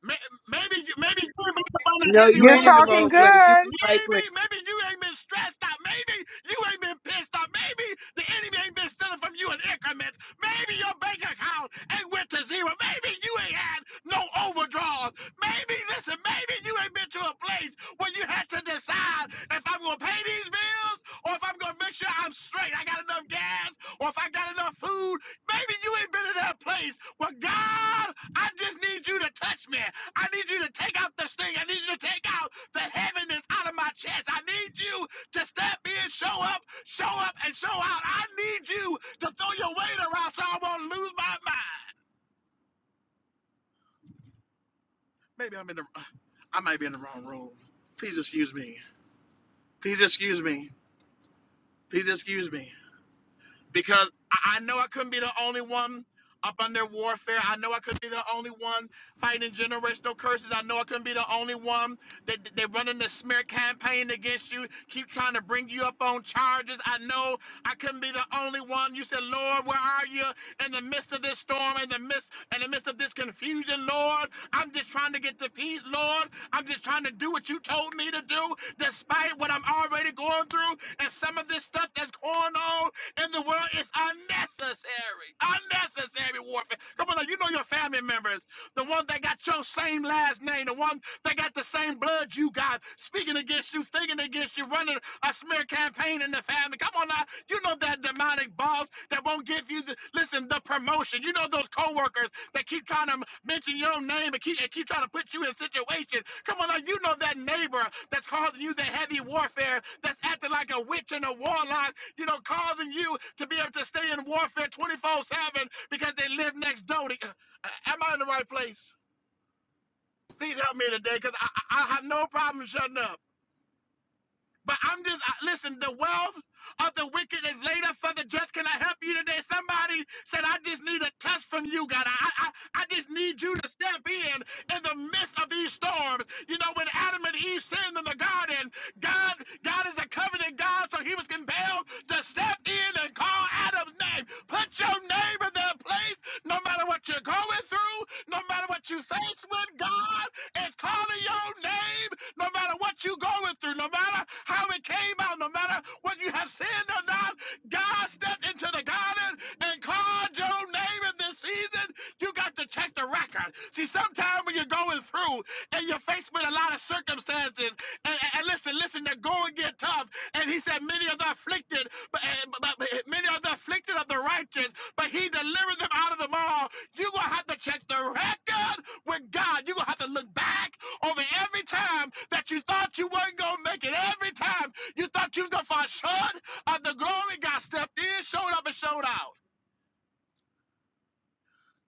[SPEAKER 9] May- Maybe you, maybe you ain't been up under
[SPEAKER 1] No,
[SPEAKER 9] heavy
[SPEAKER 1] you
[SPEAKER 2] You're
[SPEAKER 1] ain't in the
[SPEAKER 9] warfare
[SPEAKER 2] talking
[SPEAKER 1] wrong
[SPEAKER 9] lately.
[SPEAKER 1] place. You in
[SPEAKER 2] good.
[SPEAKER 1] the right
[SPEAKER 9] Maybe,
[SPEAKER 1] place.
[SPEAKER 9] maybe you ain't been stressed out. Maybe you ain't been pissed off. Maybe the enemy ain't been stealing from you in increments. Maybe your bank account ain't went to zero. Maybe you ain't had no overdraws. Maybe, listen, maybe you ain't been to a place where you had to decide if I'm gonna pay these bills or if I'm gonna make sure I'm straight, I got enough gas, or if I got enough food. Maybe you ain't been in that place. Well, God, I just need you to touch me. I need you to take out the sting. I need you to take out the heaviness out of my chest. I need you to step in, show up, show up, and show out. I need you to throw your weight around so I won't lose my mind. Maybe I'm in the, I might be in the wrong room. Please excuse me. Please excuse me. Please excuse me. because I I know I couldn't be the only one up under warfare. I know I couldn't be the only one fighting generational curses. I know I couldn't be the only one that they they running the smear campaign against you, keep trying to bring you up on charges. I know I couldn't be the only one. You said, Lord, where are you in the midst of this storm, in the midst, in the midst of this confusion, Lord? I'm just trying to get to get to peace, Lord. I'm just trying to do what you told me to do, despite what I'm already going through. And some of this stuff that's going on in the world is unnecessary. Unnecessary warfare. Come on, now, you know your family members. The one that got your same last name, the one that got the same blood you got, speaking against you, thinking against you, running a smear campaign in the family. Come on now. You know that demonic boss that won't give you the listen the promotion. You know those coworkers that keep trying to mention your name and keep and keep trying to put you in situations. Come on, now, you know that neighbor that's causing you the heavy warfare, that's acting like a witch and a warlock. You know, causing you to be able to stay in warfare twenty four seven because they live next door. To, uh, am I in the right place? Please help me today, because I, I I have no problem shutting up. But I'm just I- listen. The wealth of the wicked is laid up for the just. Can I help you today? Somebody said, "I just need a touch from you, God. I, I, I just need you to step in in the midst of these storms." You know, when Adam and Eve sinned in the garden, God, God is a covenant God, so He was compelled to step in and call Adam's name. Put your name in their place place, no matter what you're going through, no matter what you face with, God is calling your name, no matter what you're going through, no matter how it came out, no matter what you have sinned or not, God stepped into the garden and called your name in this season. You got to check the record. See, sometimes when you're going through and you're faced with a lot of circumstances, promises. And, and- listen, listen, they're going to get tough. And he said, Many of the afflicted, but, eh, but, but many of the afflicted of the righteous, but he delivered them out of them all. You're going to have to check the record with God. You're going to have to look back over every time that you thought you weren't going to make it, every time you thought you was going to fall short of the glory. God stepped in, showed up, and showed out.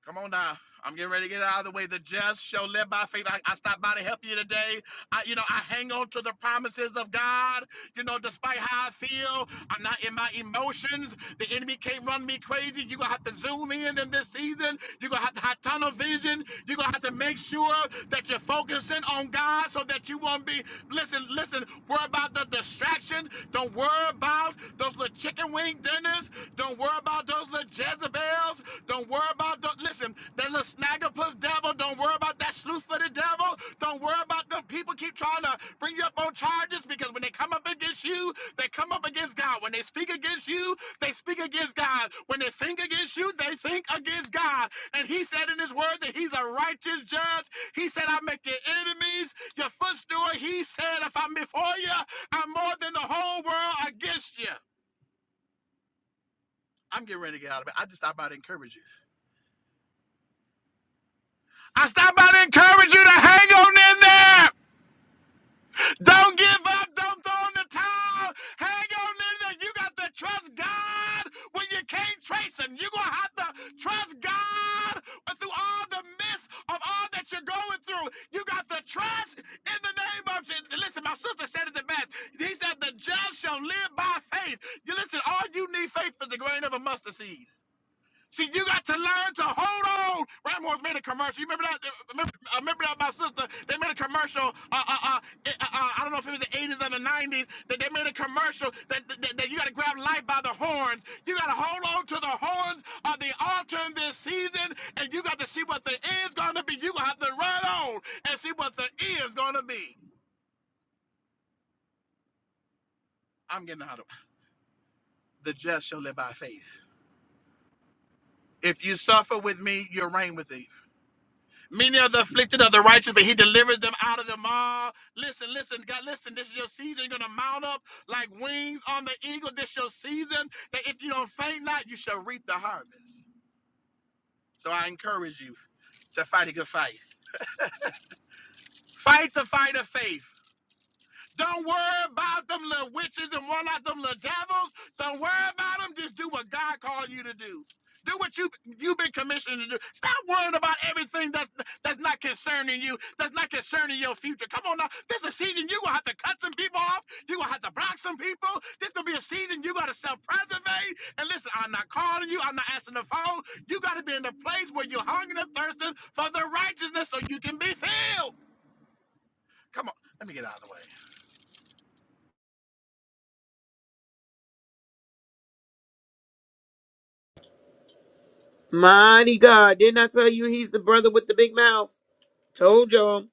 [SPEAKER 9] Come on now. I'm getting ready to get out of the way. The just shall live by faith. I, I stopped by to help you today. I, you know, I hang on to the promises of God, you know, despite how I feel. I'm not in my emotions. The enemy can't run me crazy. You're going to have to zoom in in this season. You're going to have to have tunnel vision. You're going to have to make sure that you're focusing on God so that you won't be, listen, listen, worry about the distractions. Don't worry about those little chicken wing dinners. Don't worry about those those little Jezebels. Don't worry about the listen, that little snaggerpuss devil. Don't worry about that sleuth for the devil. Don't worry about them people keep trying to bring you up on charges because when they come up against you, they come up against God. When they speak against you, they speak against God. When they think against you, they think against God. And he said in his word that he's a righteous judge. He said, I make your enemies your footstool. He said, if I'm before you, I'm more than the whole world against you. I'm getting ready to get out of it. I just I about to encourage you. I stop by to encourage you to hang on in there. Don't give up. Don't throw in the towel. Hang on in there. You got to trust God when you can't trace Him. You're going to have to trust God through all the midst of all that you're going through. You got to trust in the name of Jesus. Listen, my sister said it the best. He said, The just shall live by faith. You listen, all you need faith is the grain of a mustard seed. See, you got to learn to hold on. Ramos made a commercial. You remember that? Remember, I remember that my sister. They made a commercial. Uh, uh, uh, eh, uh, uh, I don't know if it was the eighties or the nineties. That they made a commercial that, that, that you got to grab life by the horns. You got to hold on to the horns of the altar in this season, and you got to see what the end's going to be. You gonna have to run on and see what the end's going to be. I'm getting out of the just shall live by faith. If you suffer with me, you'll reign with me. Many are the afflicted of the righteous, but he delivers them out of them all. Listen, listen, God, listen. This is your season. You're going to mount up like wings on the eagle. This is your season that if you don't faint not, you shall reap the harvest. So I encourage you to fight a good fight. Fight the fight of faith. Don't worry about them little witches and one of them little devils. Don't worry about them. Just do what God called you to do. Do what you you've been commissioned to do. Stop worrying about everything that's that's not concerning you, that's not concerning your future. Come on now. This is a season you're gonna have to cut some people off. You're gonna have to block some people. This gonna be a season you gotta self-preservate. And listen, I'm not calling you, I'm not answering the phone. You gotta be in the place where you're hungry and thirsting for the righteousness so you can be filled. Come on, let me get out of the way.
[SPEAKER 1] Mighty God. Didn't I tell you he's the brother with the big mouth? Told y'all.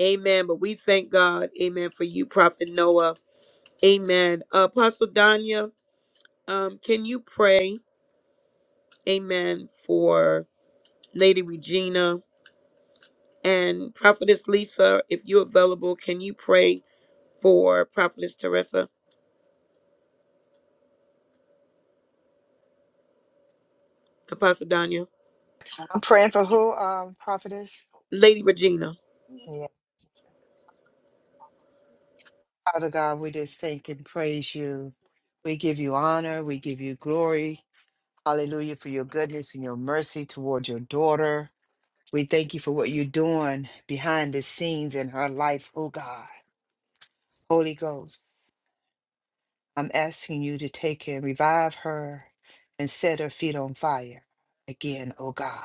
[SPEAKER 1] Amen. But we thank God. Amen. For you, Prophet Noah. Amen. Uh, Apostle Danya, um, can you pray? Amen. For Lady Regina and Prophetess Lisa, if you're available, can you pray? for Prophetess Teresa, Apostle Danya,
[SPEAKER 2] I'm praying for who, um, prophetess?
[SPEAKER 1] Lady Regina.
[SPEAKER 2] Father God, we just thank and praise you. We give you honor. We give you glory. Hallelujah for your goodness and your mercy toward your daughter. We thank you for what you're doing behind the scenes in her life, oh God. Holy Ghost, I'm asking you to take and revive her and set her feet on fire again, oh God.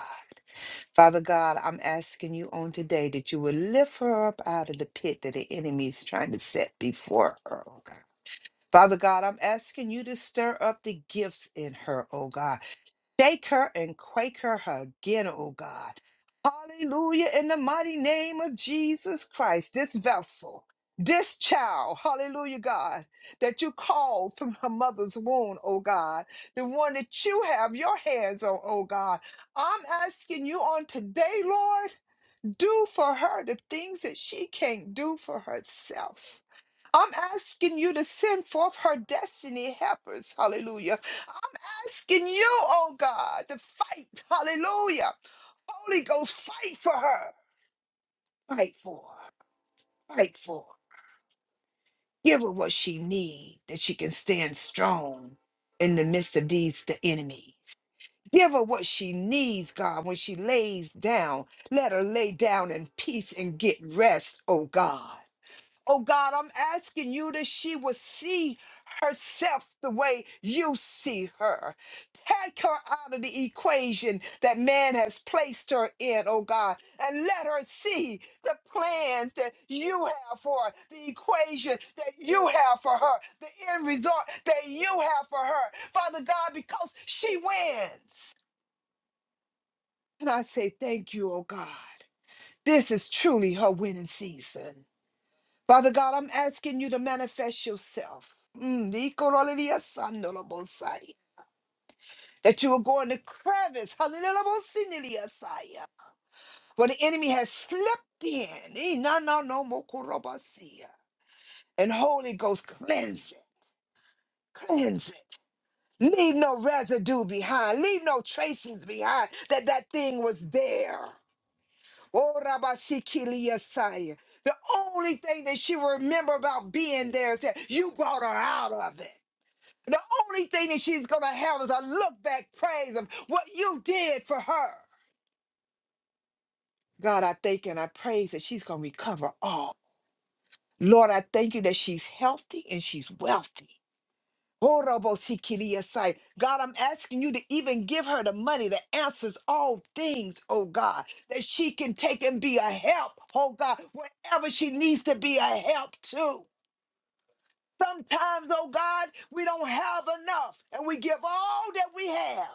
[SPEAKER 2] Father God, I'm asking you on today that you would lift her up out of the pit that the enemy is trying to set before her, oh God. Father God, I'm asking you to stir up the gifts in her, oh God. Shake her and quake her again, oh God. Hallelujah. In the mighty name of Jesus Christ, this vessel, this child, hallelujah, God, that you called from her mother's womb, oh God, the one that you have your hands on, oh God. I'm asking you on today, Lord, do for her the things that she can't do for herself. I'm asking you to send forth her destiny helpers. Hallelujah. I'm asking you, oh God, to fight. Hallelujah. Holy Ghost, fight for her. Fight for her. Fight for her. Give her what she needs that she can stand strong in the midst of these, the enemies. Give her what she needs, God, when she lays down. Let her lay down in peace and get rest, oh God. Oh God, I'm asking you that she will see herself the way you see her. Take her out of the equation that man has placed her in, oh God, and let her see the plans that you have for her, the equation that you have for her, the end result that you have for her, Father God, because she wins. And I say, Thank you, oh God. This is truly her winning season. Father God, I'm asking you to manifest yourself. Mm, ikoroleliasandolobosai, That you will go in the crevice, halilelobosinileasai, where the enemy has slipped in. Eh, No, no, no, mokorobasia. And Holy Ghost, cleanse it. Cleanse it. Leave no residue behind. Leave no traces behind that that thing was there. Oh, rabasikiliasai. The only thing that she will remember about being there is that you brought her out of it. The only thing that she's going to have is a look back praise of what you did for her. God, I thank you and I praise that she's going to recover all. Lord, I thank you that she's healthy and she's wealthy. Horobosikiliasai. God, I'm asking you to even give her the money that answers all things, oh God, that she can take and be a help, oh God, wherever she needs to be a help to. Sometimes, oh God, we don't have enough and we give all that we have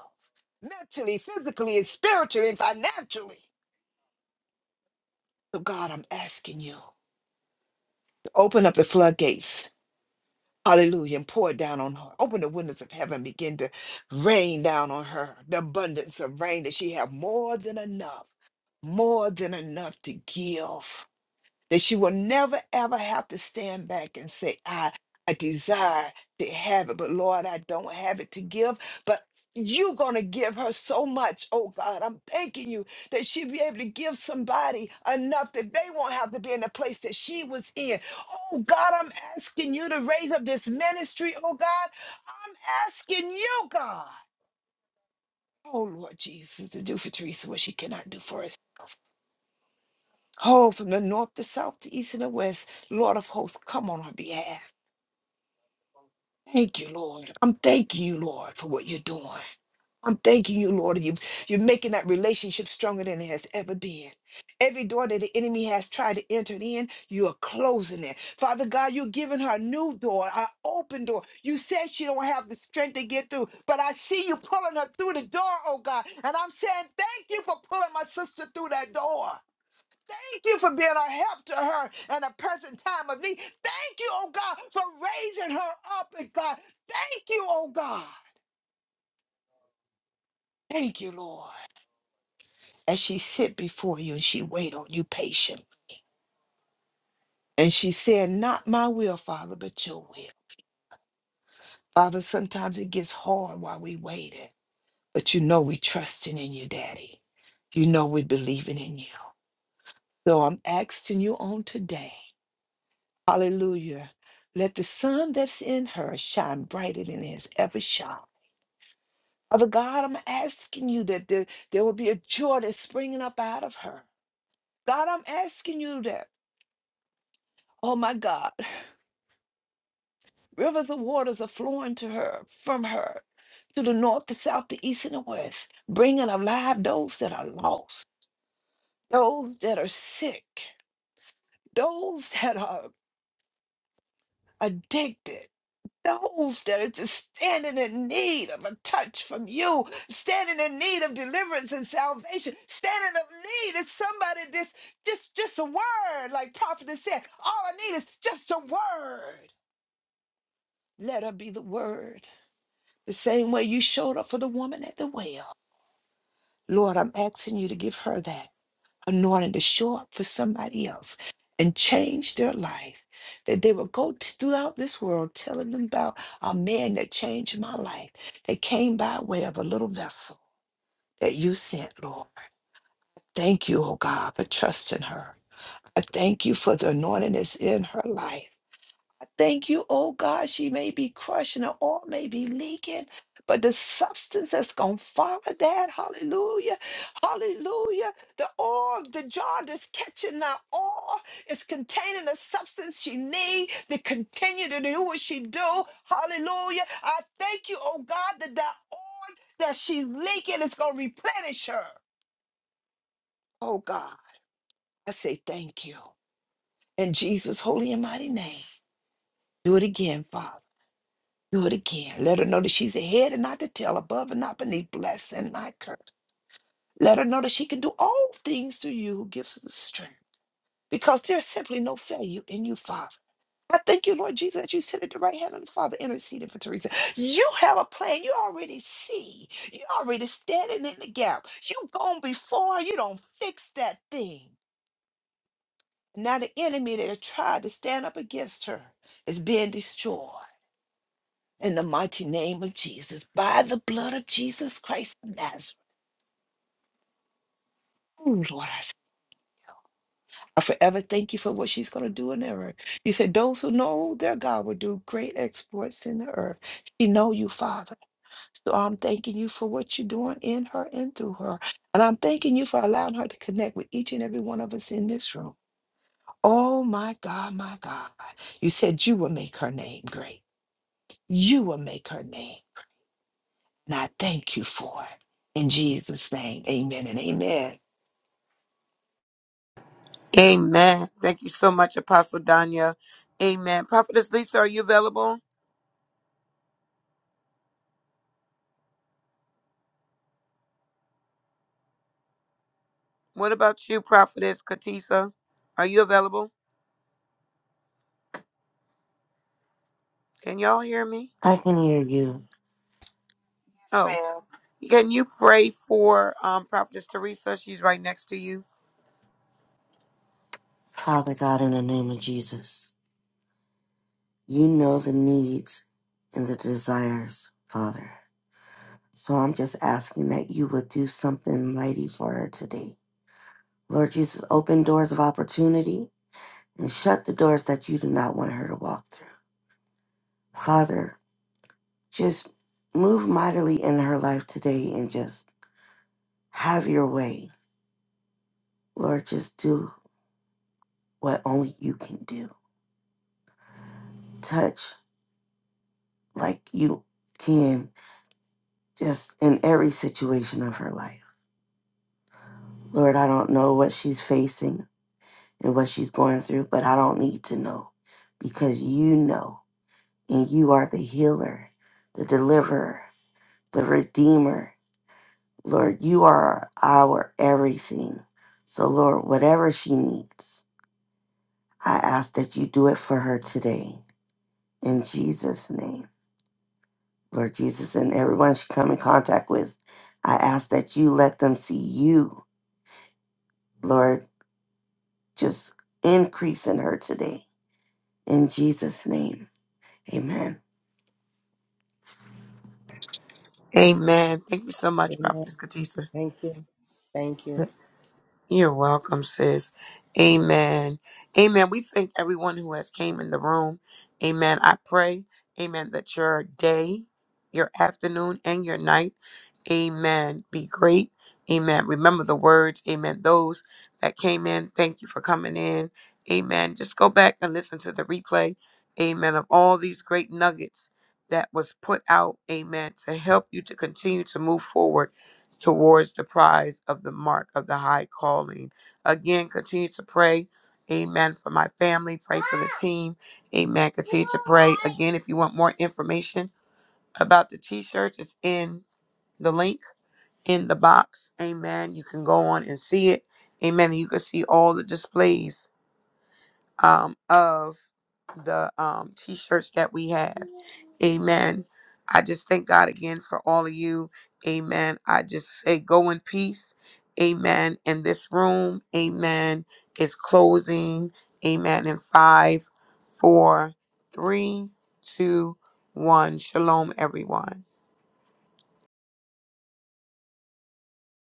[SPEAKER 2] mentally, physically, and spiritually and financially. So, God, I'm asking you to open up the floodgates. Hallelujah. And pour it down on her. Open the windows of heaven. Begin to rain down on her the abundance of rain that she have more than enough, more than enough to give. that she will never ever have to stand back and say i i desire to have it but lord i don't have it to give but you're gonna give her so much oh god i'm thanking you that she'll be able to give somebody enough that they won't have to be in the place that she was in oh god i'm asking you to raise up this ministry oh god i'm asking you god oh lord jesus to do for teresa what she cannot do for herself Oh, from the north to south to east and the west, Lord of hosts, come on our behalf. Thank you, Lord. I'm thanking you, Lord, for what you're doing. I'm thanking you, Lord. You, you're making that relationship stronger than it has ever been. Every door that the enemy has tried to enter in, you are closing it. Father God, you're giving her a new door, an open door. You said she don't have the strength to get through, but I see you pulling her through the door, oh God. And I'm saying thank you for pulling my sister through that door. Thank you for being a help to her in a present time of need. Thank you, oh God, for raising her up, and God. Thank you, oh God. Thank you, Lord. As she sit before you and she wait on you patient. And she said, Not my will, Father, but your will. Father, sometimes it gets hard while we waiting, but you know we trusting in you, Daddy. You know we believing in you. So I'm asking you on today. Hallelujah. Let the sun that's in her shine brighter than it has ever shone. Father God, I'm asking you that there, there will be a joy that's springing up out of her. God, I'm asking you that, oh my God, rivers of waters are flowing to her, from her, to the north, the south, the east, and the west, bringing alive those that are lost, those that are sick, those that are addicted those that are just standing in need of a touch from you, standing in need of deliverance and salvation, standing of need is somebody this just just a word, like Prophet has said. All I need is just a word. Let her be the word. The same way you showed up for the woman at the well. Lord, I'm asking you to give her that. anointing to show up for somebody else and change their life. That they would go t- throughout this world telling them about a man that changed my life, that came by way of a little vessel that you sent, Lord. Thank you, oh God, for trusting her. I thank you for the anointing that's in her life. I thank you, oh God, she may be crushing, her oil may be leaking, but the substance that's going to follow that, hallelujah, hallelujah. The oil, the jar that's catching the oil is containing the substance she need to continue to do what she do, hallelujah. I thank you, oh God, that that oil that she's leaking is going to replenish her. Oh God, I say thank you. In Jesus' holy and mighty name, do it again, Father. Do it again. Let her know that she's ahead and not the tail, above and not beneath, blessed and not cursed. Let her know that she can do all things through you who gives her the strength, because there's simply no failure in you, Father. I thank you, Lord Jesus, that you sit at the right hand of the Father, interceding for Teresa. You have a plan. You already see. You already standing in the gap. You gone before. You don't fix that thing. Now the enemy that tried to stand up against her is being destroyed. in the mighty name of Jesus, by the blood of Jesus Christ of Nazareth. Ooh, Lord, I s- I forever thank you for what she's going to do in the earth. You said those who know their God will do great exploits in the earth. She know you, Father. So I'm thanking you for what you're doing in her and through her. And I'm thanking you for allowing her to connect with each and every one of us in this room. Oh my God, my God. You said you will make her name great. You will make her name. And I thank you for it. In Jesus' name, amen and amen. Yes,
[SPEAKER 1] Amen. Thank you so much, Apostle Danya. Amen. Prophetess Lisa, are you available? What about you, Prophetess Katisa? Are you available? Can y'all hear me?
[SPEAKER 6] I can hear you,
[SPEAKER 1] Oh,
[SPEAKER 2] ma'am.
[SPEAKER 1] can you pray for um, Prophetess Teresa? She's right next to you.
[SPEAKER 6] Father God, in the name of Jesus. You know the needs and the desires, Father. So I'm just asking that you would do something mighty for her today. Lord Jesus, open doors of opportunity and shut the doors that you do not want her to walk through. Father, just move mightily in her life today and just have your way. Lord, just do what only you can do. Touch like you can, just in every situation of her life. Lord, I don't know what she's facing and what she's going through, but I don't need to know because you know and you are the healer, the deliverer, the redeemer. Lord, you are our everything. So, Lord, whatever she needs, I ask that you do it for her today. In Jesus' name, Lord Jesus, and everyone she come in contact with, I ask that you let them see you, Lord, just increase in her today. In Jesus' name, amen.
[SPEAKER 1] Amen. Thank you so much,
[SPEAKER 5] Amen.
[SPEAKER 1] Prophetess Katisa.
[SPEAKER 5] Thank you. Thank you.
[SPEAKER 1] You're welcome, sis. Amen. Amen. We thank everyone who has came in the room. Amen. I pray, amen, that your day, your afternoon, and your night, amen, be great. Amen. Remember the words, amen. Those that came in, thank you for coming in. Amen. Just go back and listen to the replay, amen, of all these great nuggets that was put out, amen, to help you to continue to move forward towards the prize of the mark of the high calling. Again, continue to pray. Amen. For my family, pray for the team. Amen. Continue to pray. Again, if you want more information about the t shirts, it's in the link in the box. Amen. You can go on and see it. Amen. You can see all the displays um, of the um, t shirts that we have. Amen. I just thank God again for all of you. Amen. I just say go in peace. Amen. And this room, amen, is closing. Amen. In five, four, three, two, one. Shalom, everyone.